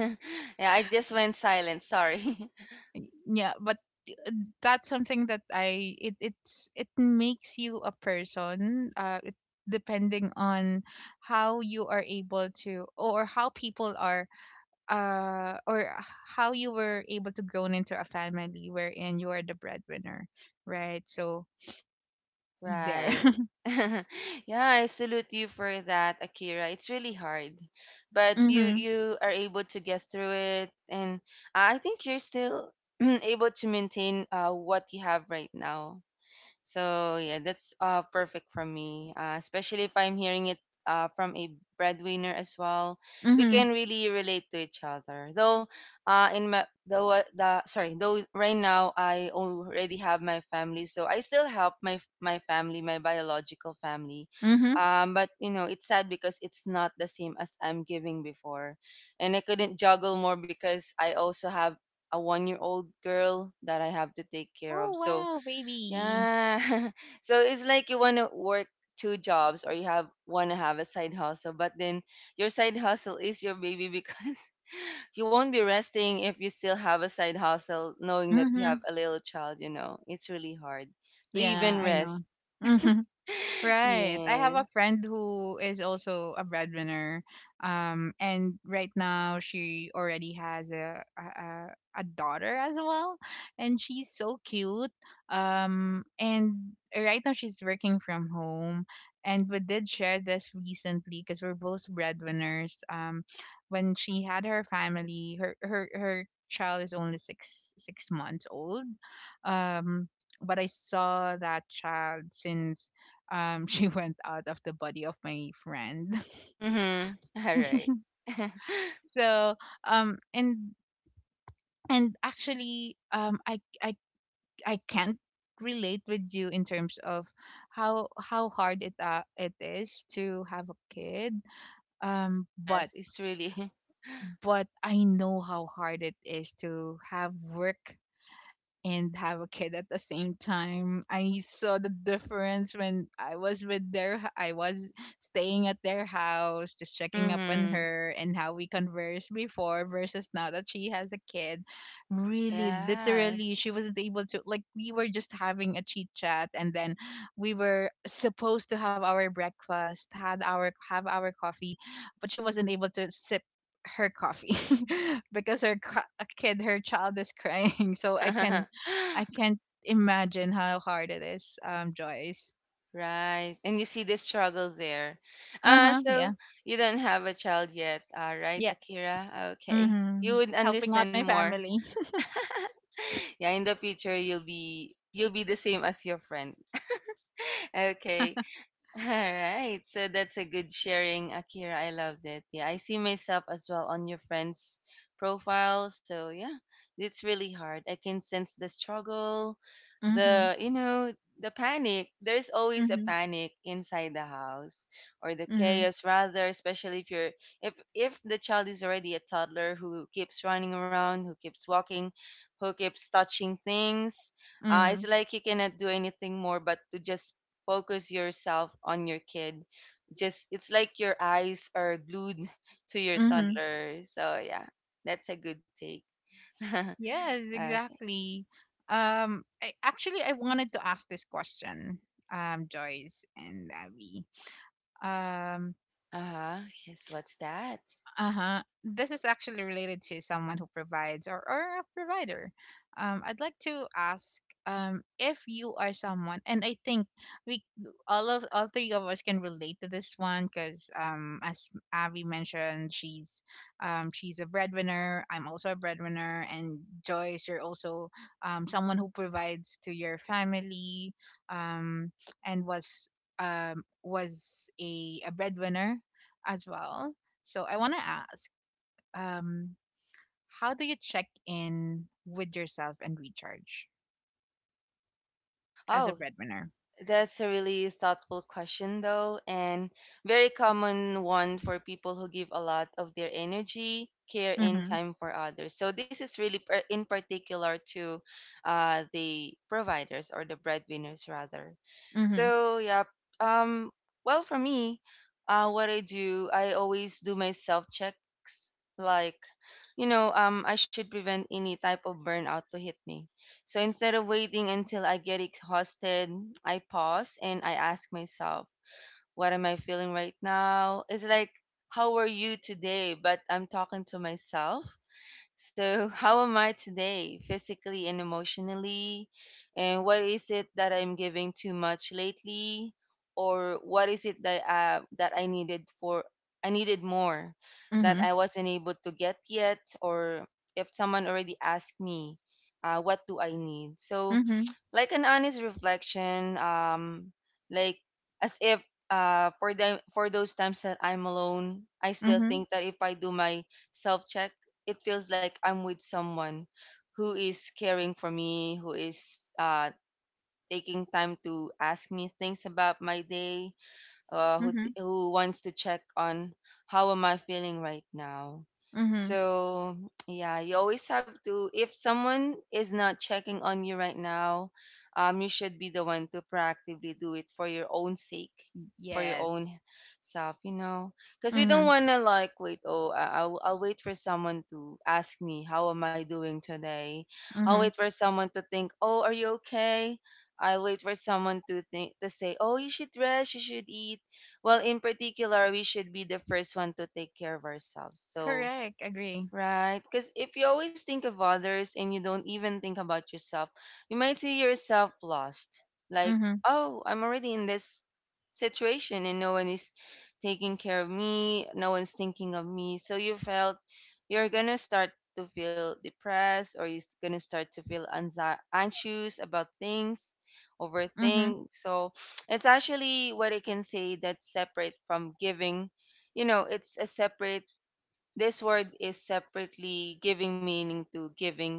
Speaker 3: Yeah, I just went silent. Sorry.
Speaker 2: Yeah, but, uh, that's something that I it it's it makes you a person. Depending on how you are able to, or how people are, or how you were able to grow into a family wherein you are the breadwinner, right? So there.
Speaker 3: Right. Yeah, I salute you for that, Akira. It's really hard, but you
Speaker 2: Mhm.
Speaker 3: you are able to get through it, and I think you're still able to maintain what you have right now. So yeah, that's perfect for me. Especially if I'm hearing it from a breadwinner as well, we
Speaker 2: Mhm.
Speaker 3: can really relate to each other. Though in my though the sorry though right now I already have my family, so I still help my family, my biological family.
Speaker 2: Mhm.
Speaker 3: But you know it's sad because it's not the same as I'm giving before, and I couldn't juggle more because I also have a one year old girl that I have to take care
Speaker 2: Oh
Speaker 3: of. So
Speaker 2: wow, baby.
Speaker 3: yeah. So it's like you want to work two jobs or you have want to have a side hustle, but then your side hustle is your baby because you won't be resting if you still have a side hustle knowing that you have
Speaker 2: Mhm.
Speaker 3: a little child. It's really hard to
Speaker 2: Yeah,
Speaker 3: even
Speaker 2: I know.
Speaker 3: rest.
Speaker 2: Mhm. Right. I have a
Speaker 3: Yes.
Speaker 2: friend who is also a breadwinner. And right now she already has a daughter as well, and she's so cute. And right now she's working from home, and we did share this recently because we're both breadwinners. When she had her family, her child is only six months old. Um, but I saw that child since she went out of the body of my friend
Speaker 3: Mhm. All right.
Speaker 2: so um and and actually I can't relate with you in terms of how hard it is to have a kid, um but
Speaker 3: Yes, it's really.
Speaker 2: but I know how hard it is to have work and have a kid at the same time. I saw the difference when I was with I was staying at their house, just checking up on
Speaker 3: Mhm.
Speaker 2: her and how we conversed before versus now that she has a kid. Really, literally,
Speaker 3: Yes.
Speaker 2: she wasn't able to, like, we were just having a chit chat, and then we were supposed to have our breakfast, had our have our coffee, but she wasn't able to sip her coffee because her co- a kid her child is crying I can't imagine how hard it is, Joyce.
Speaker 3: Right. And you see the struggle there.
Speaker 2: Uh
Speaker 3: Uh,
Speaker 2: huh.
Speaker 3: so
Speaker 2: Yeah.
Speaker 3: you don't have a child yet, right,
Speaker 2: Yeah,
Speaker 3: Akira? Okay. You
Speaker 2: mhm,
Speaker 3: would
Speaker 2: helping out
Speaker 3: understand
Speaker 2: my
Speaker 3: more.
Speaker 2: family.
Speaker 3: Yeah, in the future you'll be the same as your friend. Okay. All right. So that's a good sharing, Akira. I loved it. Yeah, I see myself as well on your friend's profile. So yeah, it's really hard. I can sense the struggle,
Speaker 2: Mhm.
Speaker 3: the you know, the panic. There's always a
Speaker 2: Mhm.
Speaker 3: panic inside the house, or the
Speaker 2: Mhm.
Speaker 3: chaos rather, especially if you're if the child is already a toddler, who keeps running around, who keeps walking, who keeps touching things.
Speaker 2: Mhm.
Speaker 3: It's like you cannot do anything more but to just focus yourself on your kid. Just it's like your eyes are glued to your
Speaker 2: Mhm.
Speaker 3: toddler. So yeah, that's a good take. Okay.
Speaker 2: Yes,
Speaker 3: Uh
Speaker 2: exactly. I wanted to ask this question, Joyce and Abby. Um.
Speaker 3: huh. Yes. What's that?
Speaker 2: Uh-huh. This is actually related to someone who provides, or a provider. I'd like to ask, if you are someone, and I think we all of all three of us can relate to this one because, as Abby mentioned, she's a breadwinner. I'm also a breadwinner, and Joyce, you're also, someone who provides to your family, um, and was a breadwinner as well, so I want to ask, um, how do you check in with yourself and recharge as
Speaker 3: Oh.
Speaker 2: a breadwinner?
Speaker 3: That's a really thoughtful question, though, and very common one for people who give a lot of their energy, care, and
Speaker 2: Mm-hmm.
Speaker 3: time for others. So this is really in particular to the providers or the breadwinners, rather.
Speaker 2: Mm-hmm.
Speaker 3: So yeah, um, well, for me, what I do, I always do my self checks, like, I should prevent any type of burnout to hit me, so instead of waiting until I get exhausted, I pause and I ask myself, what am I feeling right now? It's like, how are you today? But I'm talking to myself so, how am I today, physically and emotionally? And what is it that I'm giving too much lately? Or what is it that I needed more that I
Speaker 2: Mm-hmm.
Speaker 3: wasn't able to get yet? Or if someone already asked me, what do I need? So
Speaker 2: Mm-hmm.
Speaker 3: like an honest reflection, like, as if for them for those times that I'm alone, I still
Speaker 2: Mm-hmm.
Speaker 3: think that if I do my self check, it feels like I'm with someone who is caring for me, who is taking time to ask me things about my day,
Speaker 2: Mm-hmm.
Speaker 3: who wants to check on how am I feeling right now.
Speaker 2: Mm-hmm.
Speaker 3: So yeah, you always have to. If someone is not checking on you right now, you should be the one to proactively do it for your own sake, for your
Speaker 2: Yes.
Speaker 3: own self. You know, because we don't
Speaker 2: Mm-hmm.
Speaker 3: wanna like wait. Oh, I'll wait for someone to ask me how am I doing today. I'll wait
Speaker 2: Mm-hmm.
Speaker 3: for someone to think. Oh, are you okay? I wait for someone to think to say, "Oh, you should rest, you should eat." Well, in particular, we should be the first one to take care of ourselves. So,
Speaker 2: Correct. Agree.
Speaker 3: right. Because if you always think of others and you don't even think about yourself, you might see yourself lost. Like,
Speaker 2: Mm-hmm.
Speaker 3: oh, I'm already in this situation and no one is taking care of me, no one's thinking of me. So you felt you're going to start to feel depressed or you're going to start to feel anxious about things,
Speaker 2: Mm-hmm.
Speaker 3: overthink. So it's actually what I can say that's separate from giving. You know, it's a separate, this word is separately giving meaning to giving,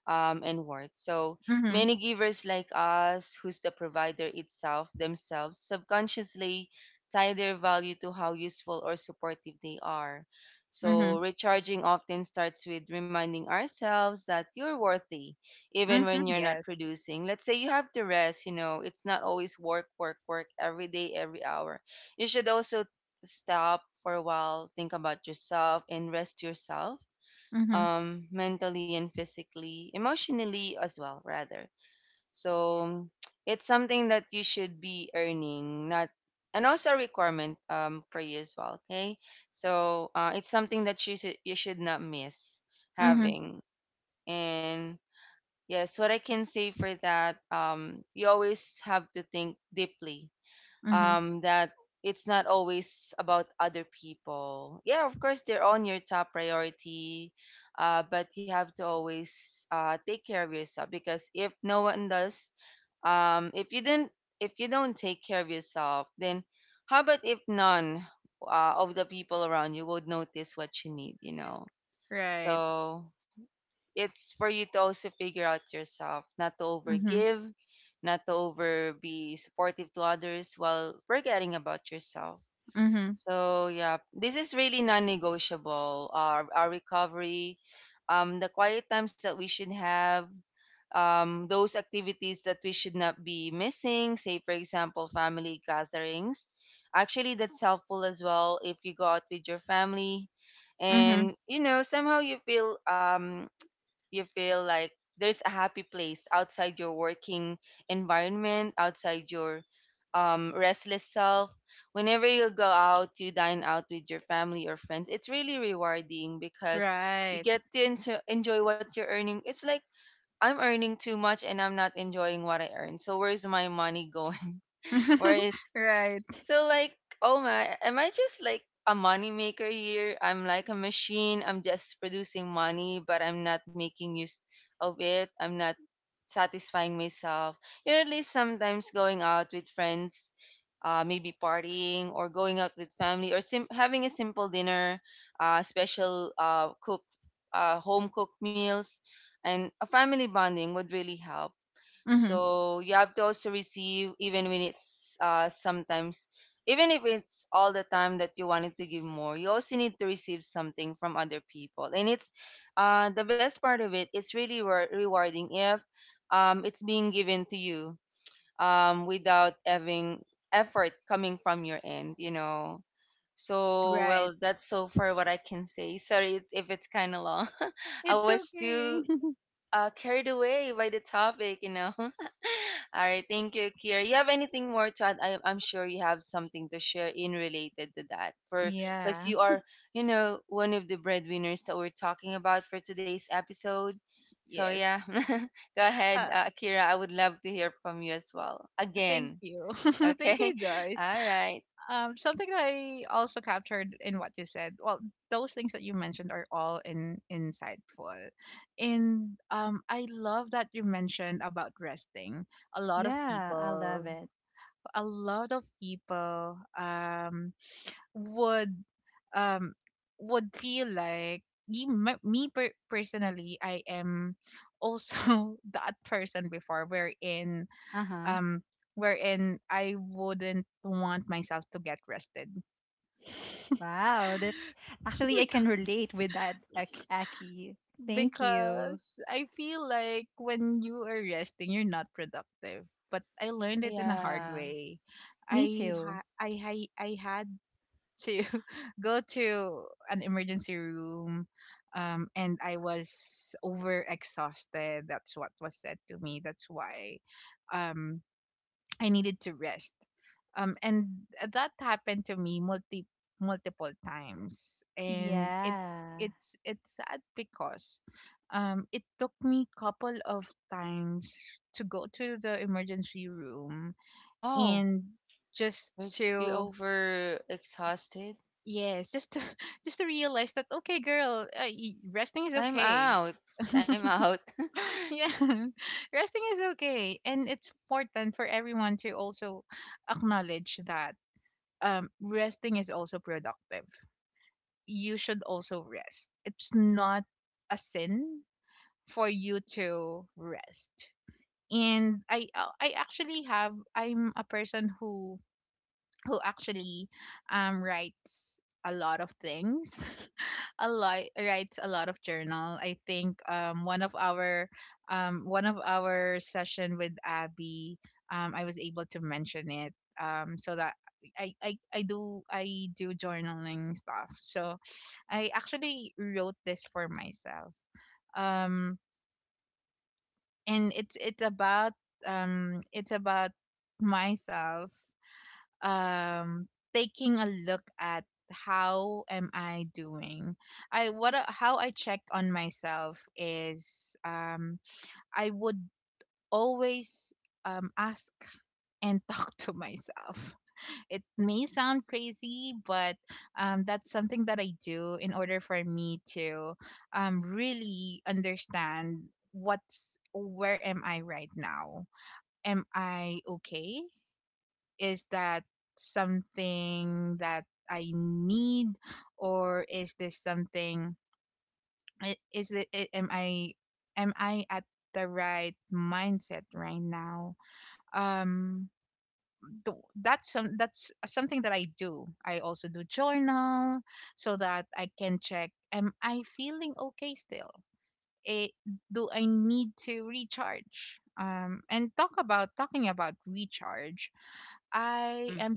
Speaker 3: and worth. So
Speaker 2: Mm-hmm.
Speaker 3: many givers like us, who's the provider itself, themselves subconsciously tie their value to how useful or supportive they are. So
Speaker 2: Mm-hmm.
Speaker 3: recharging often starts with reminding ourselves that you're worthy, even when
Speaker 2: Mm-hmm.
Speaker 3: you're not
Speaker 2: Yes.
Speaker 3: producing. Let's say you have to rest, you know, it's not always work, work, work every day, every hour. You should also stop for a while, think about yourself, and rest yourself,
Speaker 2: Mm-hmm.
Speaker 3: mentally and physically, emotionally as well, rather. So it's something that you should be earning, not, and also a requirement, for you as well. Okay, so it's something that you should not miss
Speaker 2: Mm-hmm.
Speaker 3: having. And yes, what I can say for that, you always have to think deeply,
Speaker 2: Mm-hmm.
Speaker 3: that it's not always about other people. Yeah, of course, they're on your top priority, but you have to always take care of yourself because if no one does, um, if you didn't, if you don't take care of yourself, then how about if none of the people around you would notice what you need, you know?
Speaker 2: Right.
Speaker 3: So it's for you to also figure out yourself, not to
Speaker 2: Mm-hmm.
Speaker 3: overgive, not to over be supportive to others while forgetting about yourself.
Speaker 2: Mm-hmm.
Speaker 3: So yeah, this is really non-negotiable. Our recovery, the quiet times that we should have, those activities that we should not be missing. Say for example, family gatherings. Actually, that's helpful as well if you go out with your family, and
Speaker 2: Mm-hmm.
Speaker 3: you know somehow you feel like there's a happy place outside your working environment, outside your restless self. Whenever you go out, you dine out with your family or friends. It's really rewarding because you
Speaker 2: Right.
Speaker 3: get to enjoy what you're earning. It's like I'm earning too much and I'm not enjoying what I earn. So where's my money going? Where is
Speaker 2: Right.
Speaker 3: So like, oh my, am I just like a money maker here? I'm like a machine. I'm just producing money, but I'm not making use of it. I'm not satisfying myself. You know, at least sometimes going out with friends, maybe partying or going out with family, or having a simple dinner, special, cook, home cooked meals, and a family bonding would really help.
Speaker 2: Mm-hmm.
Speaker 3: So you have to also receive even when it's, sometimes, even if it's all the time that you wanted to give more, you also need to receive something from other people. And it's the best part of it, it's really rewarding if it's being given to you, without having effort coming from your end. So, well,
Speaker 2: Right.
Speaker 3: that's so far what I can say. Sorry if it's kind of long. I
Speaker 2: It's
Speaker 3: was too
Speaker 2: okay.
Speaker 3: carried away by the topic. All right, thank you, Kira. You have anything more to add? I'm sure you have something to share in related to that, for because
Speaker 2: Yeah.
Speaker 3: you are, you know, one of the breadwinners that we're talking about for today's episode. So
Speaker 2: Yes.
Speaker 3: yeah, go ahead,
Speaker 2: Uh,
Speaker 3: Kira. I would love to hear from you as well
Speaker 2: thank
Speaker 3: again.
Speaker 2: you.
Speaker 3: Okay,
Speaker 2: Thank you, Joyce.
Speaker 3: all right.
Speaker 2: Something that I also captured in what you said. Well, those things that you mentioned are all in insightful. And, I love that you mentioned about resting. A lot of
Speaker 1: Yeah, I love
Speaker 2: people,
Speaker 1: it.
Speaker 2: a lot of people um, would um, would feel like personally, I am also that person before,
Speaker 1: Uh huh.
Speaker 2: um wherein I wouldn't want myself to get rested.
Speaker 1: Wow, that's actually I can
Speaker 2: Bec-
Speaker 1: relate with that, Ak- Aki. Thank you.
Speaker 2: Because I feel like when you are resting, you're not productive. But I learned it in a hard
Speaker 3: Yeah.
Speaker 2: way.
Speaker 1: Me
Speaker 2: I
Speaker 1: too.
Speaker 2: ha- I had to go to an emergency room, and I was over exhausted. That's what was said to me. That's why, um, I needed to rest. And that happened to me multiple times, and it's
Speaker 1: Yeah.
Speaker 2: it's it's sad because, it took me couple of times to go to the emergency room
Speaker 3: Oh,
Speaker 2: and just
Speaker 3: you're, you're
Speaker 2: to,
Speaker 3: over exhausted.
Speaker 2: yes, just to just to realize that, okay girl, resting is
Speaker 3: Time
Speaker 2: okay.
Speaker 3: out. Time out.
Speaker 2: Yeah, resting is okay, and it's important for everyone to also acknowledge that, resting is also productive. You should also rest. It's not a sin for you to rest. And I actually have I'm a person who actually, writes a lot of things, a lot writes a lot of journal. I think, one of our session with Abby, I was able to mention it, so that I do journaling stuff, so I actually wrote this for myself, um, and it's about, it's about myself, um, taking a look at how am I doing. How I check on myself is, um, I would always, um, ask and talk to myself. It may sound crazy, but, um, that's something that I do in order for me to, um, really understand what's where am I right now, am I okay, is that something that I need, or is this something? Is it? Am I? Am I at the right mindset right now? Um, That's something that I do. I also do journal so that I can check. Am I feeling okay still? It, do I need to recharge? And talking about recharge, I am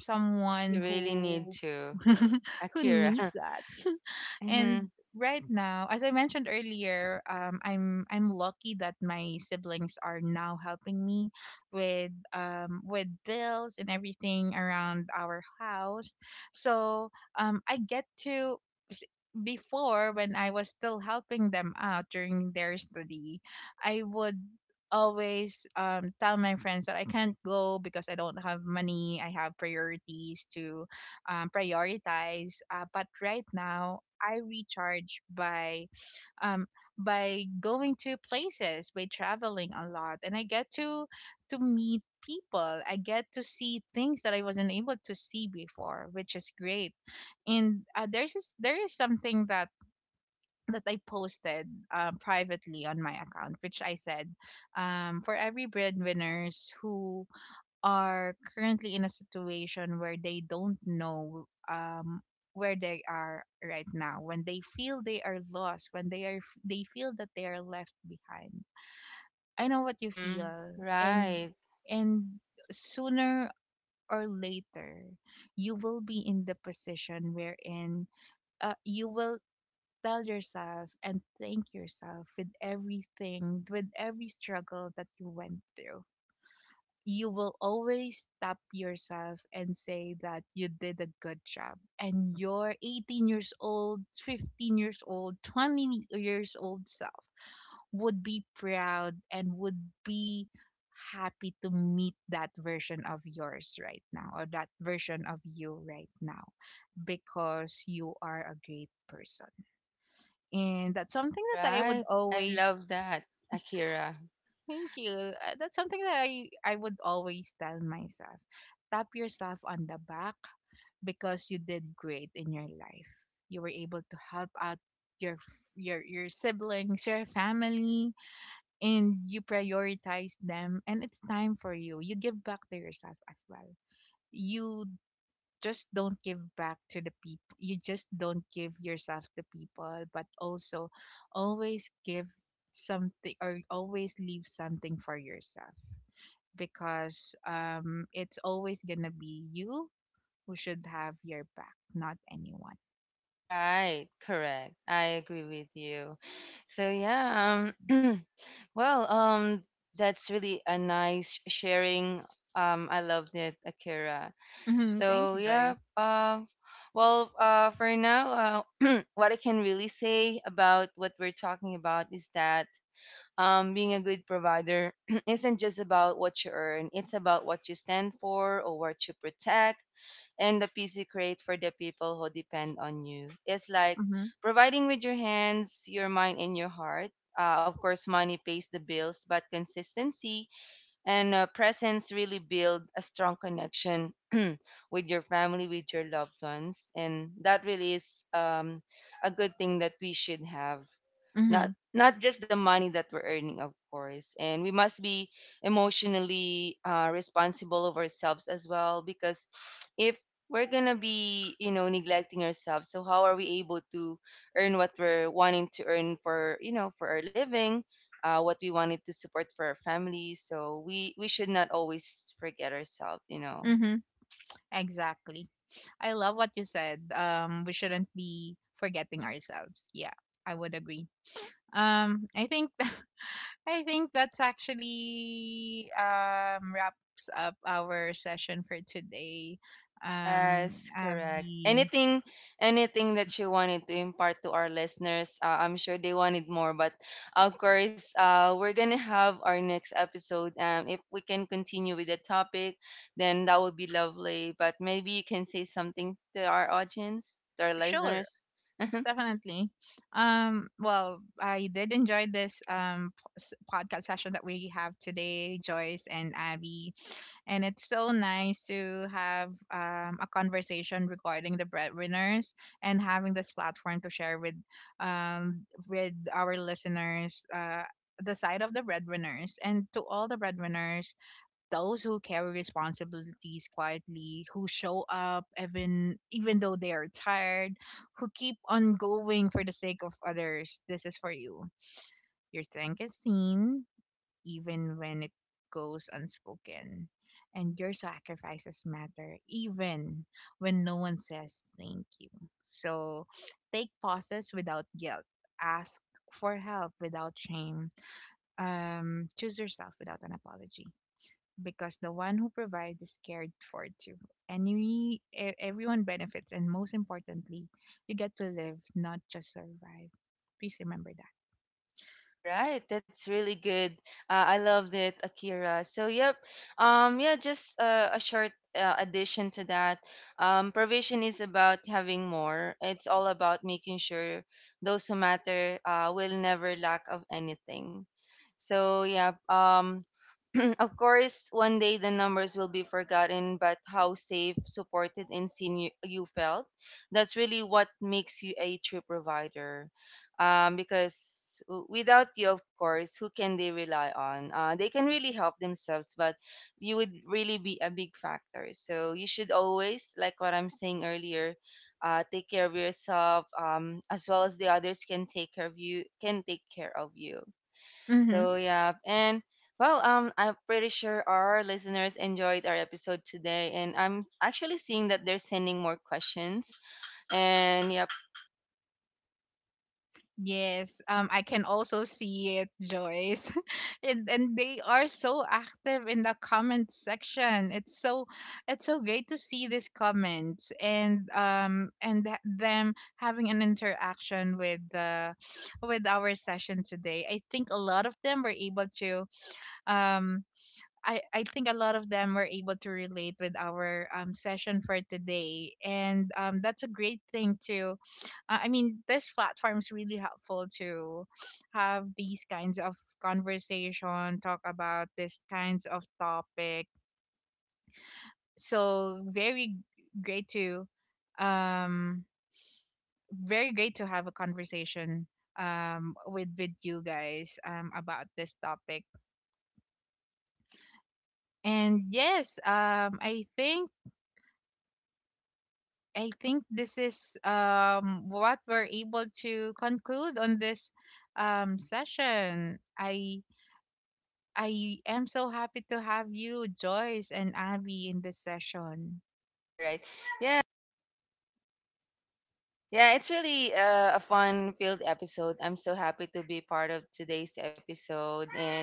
Speaker 3: You
Speaker 2: someone
Speaker 3: really need
Speaker 2: who
Speaker 3: to.
Speaker 2: who
Speaker 3: Akira.
Speaker 2: needs that.
Speaker 3: hmm
Speaker 2: And right now, as I mentioned earlier, I'm lucky that my siblings are now helping me with, with bills and everything around our house. So, I get to s- before, when I was still helping them out during their study, I would always, tell my friends that I can't go because I don't have money. I have priorities to, prioritize. But right now, I recharge by, um, by going to places, by traveling a lot, and I get to meet people. I get to see things that I wasn't able to see before, which is great. And, there's this, there is something that that I posted, privately on my account, which I said, for every breadwinners who are currently in a situation where they don't know, um, where they are right now, when they feel they are lost, when they feel that they are left behind, I know what you
Speaker 3: hmm
Speaker 2: feel. and
Speaker 3: Right.
Speaker 2: and sooner or later you will be in the position wherein, you will tell yourself and thank yourself with everything, with every struggle that you went through. You will always stop yourself and say that you did a good job, and your 18 years old, 15 years old, 20 years old self would be proud and would be happy to meet that version of yours right now, or that version of you right now, because you are a great person. And that's something that I would
Speaker 3: Right. I
Speaker 2: always...
Speaker 3: love that. Akira.
Speaker 2: Thank you. That's something that I would always tell myself. Tap yourself on the back because you did great in your life. You were able to help out your siblings, your family, and you prioritize them, and it's time for you. You give back to yourself as well. You just don't give back to the people. You just don't give yourself to people, but also always give something, or always leave something for yourself because, it's always gonna be you who should have your back, not anyone.
Speaker 3: Right. Correct. I agree with you. So yeah, well, that's really a nice sharing. I loved it, Akira.
Speaker 2: Hmm. Thank
Speaker 3: So
Speaker 2: you, Joyce.
Speaker 3: yeah, well, for now, what I can really say about what we're talking about is that, being a good provider isn't just about what you earn; it's about what you stand for or what you protect, and the peace you create for the people who depend on you. It's like
Speaker 2: Hmm.
Speaker 3: providing with your hands, your mind, and your heart. Of course, money pays the bills, but consistency and presents really build a strong connection with your family, with your loved ones, and that really is, a good thing that we should have. not
Speaker 2: Hmm.
Speaker 3: not just the money that we're earning, of course, and we must be emotionally responsible of ourselves as well, because if we're gonna be, you know, neglecting ourselves, so how are we able to earn what we're wanting to earn for, you know, for our living, what we wanted to support for our family? So we should not always forget ourselves, you know.
Speaker 2: Hmm. Exactly. I love what you said. We shouldn't be forgetting ourselves. Yeah, I would agree. I think I think that's actually, um, wraps up our session for today.
Speaker 3: Yes, correct.
Speaker 2: Abby,
Speaker 3: Anything, anything that you wanted to impart to our listeners, I'm sure they wanted more. But of course, we're gonna have our next episode. If we can continue with the topic, then that would be lovely. But maybe you can say something to our audience, to our
Speaker 2: sure.
Speaker 3: listeners.
Speaker 2: Definitely. Well, I did enjoy this, podcast session that we have today, Joyce and Abby. And it's so nice to have, a conversation regarding the breadwinners and having this platform to share with, with our listeners, the side of the breadwinners. And to all the breadwinners, those who carry responsibilities quietly, who show up even though they are tired, who keep on going for the sake of others, this is for you. Your strength is seen even when it goes unspoken. And your sacrifices matter even when no one says thank you. So take pauses without guilt. Ask for help without shame. Choose yourself without an apology, because the one who provides is cared for too. And we, everyone benefits, and most importantly, you get to live, not just survive. Please remember that.
Speaker 3: All right, that's really good. I loved it, Akira. So, yep. Yeah, just a short addition to that. Provision is about having more. It's all about making sure those who matter will never lack of anything. So, yeah. Of course, one day the numbers will be forgotten, but how safe, supported, and seen you felt, that's really what makes you a true provider. Because without you, of course, who can they rely on? They can really help themselves, but you would really be a big factor. So you should always, like what I'm saying earlier, take care of yourself, as well as the others can take care of you, can take care of you.
Speaker 2: Mm-hmm.
Speaker 3: So yeah, and well, I'm pretty sure our listeners enjoyed our episode today, and I'm actually seeing that they're sending more questions. And yep,
Speaker 2: Yes, I can also see it, Joyce. And they are so active in the comment section. It's so, it's so great to see these comments, and them having an interaction with the, with our session today. I think a lot of them were able to, um I think a lot of them were able to relate with our, session for today. And, that's a great thing too. I mean, this platform is really helpful to have these kinds of conversation, talk about these kinds of topic. So, very great to, um, very great to have a conversation, um, with you guys, um, about this topic. And yes, I think this is, what we're able to conclude on this, session. I am so happy to have you, Joyce and Abby, in this session.
Speaker 3: all right, yeah, yeah, it's really a fun-filled episode. I'm so happy to be part of today's episode, and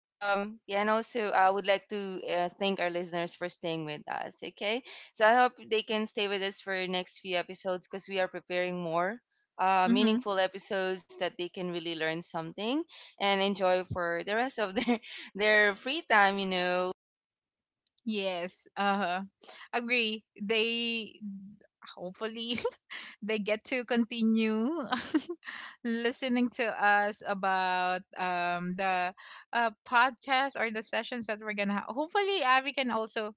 Speaker 3: Yeah, and also I would like to thank our listeners for staying with us. Okay, so I hope they can stay with us for next few episodes because we are preparing more
Speaker 2: Mm-hmm.
Speaker 3: meaningful episodes that they can really learn something and enjoy for the rest of their their free time. You know.
Speaker 2: Yes, agree. They, hopefully they get to continue listening to us about, the, podcast or the sessions that we're gonna have. Hopefully, Abby can also,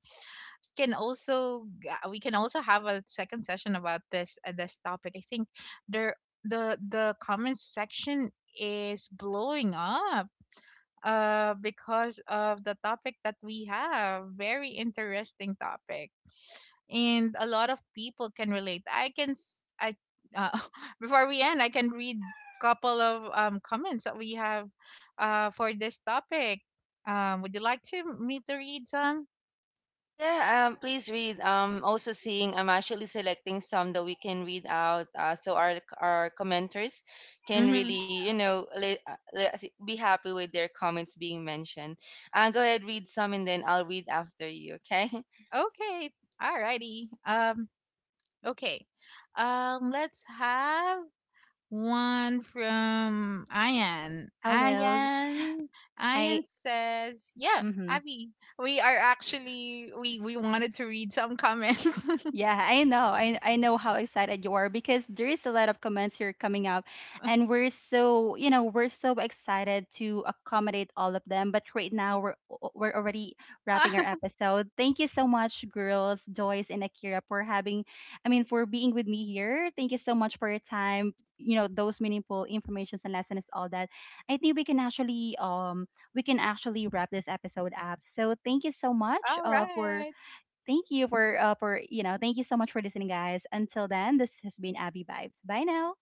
Speaker 2: we can also have a second session about this topic. I think there the comments section is blowing up, uh, because of the topic that we have. Very interesting topic, and a lot of people can relate. I can s- I uh, Before we end, I can read couple of, um, comments that we have, uh, for this topic. Um, would you like to me to read some?
Speaker 3: Ah, yeah. Please read. Also seeing, I'm actually selecting some that we can read out, so our commenters can
Speaker 2: Mm-hmm.
Speaker 3: really, you know, be happy with their comments being mentioned. Go ahead, read some, and then I'll read after you. Okay.
Speaker 2: Okay. Alrighty. Okay. Let's have one from Ayan.
Speaker 1: Hello.
Speaker 2: Ayan.
Speaker 1: I
Speaker 2: Ayan says, "Yeah,
Speaker 1: mhm.
Speaker 2: Abby, we are actually, we wanted to read some comments."
Speaker 1: Yeah, I know. I know how excited you are because there is a lot of comments here coming up, and we're so, you know, we're so excited to accommodate all of them, but right now we're already wrapping our episode. Thank you so much girls, Joyce and Akira, for having, I mean for being with me here. Thank you so much for your time. You know, those meaningful informations and lessons, all that. I think we can actually wrap this episode up. So thank you so much
Speaker 2: All
Speaker 1: for,
Speaker 2: right.
Speaker 1: thank you for for, you know, thank you so much for listening, guys. Until then, this has been Abby Vibes. Bye now.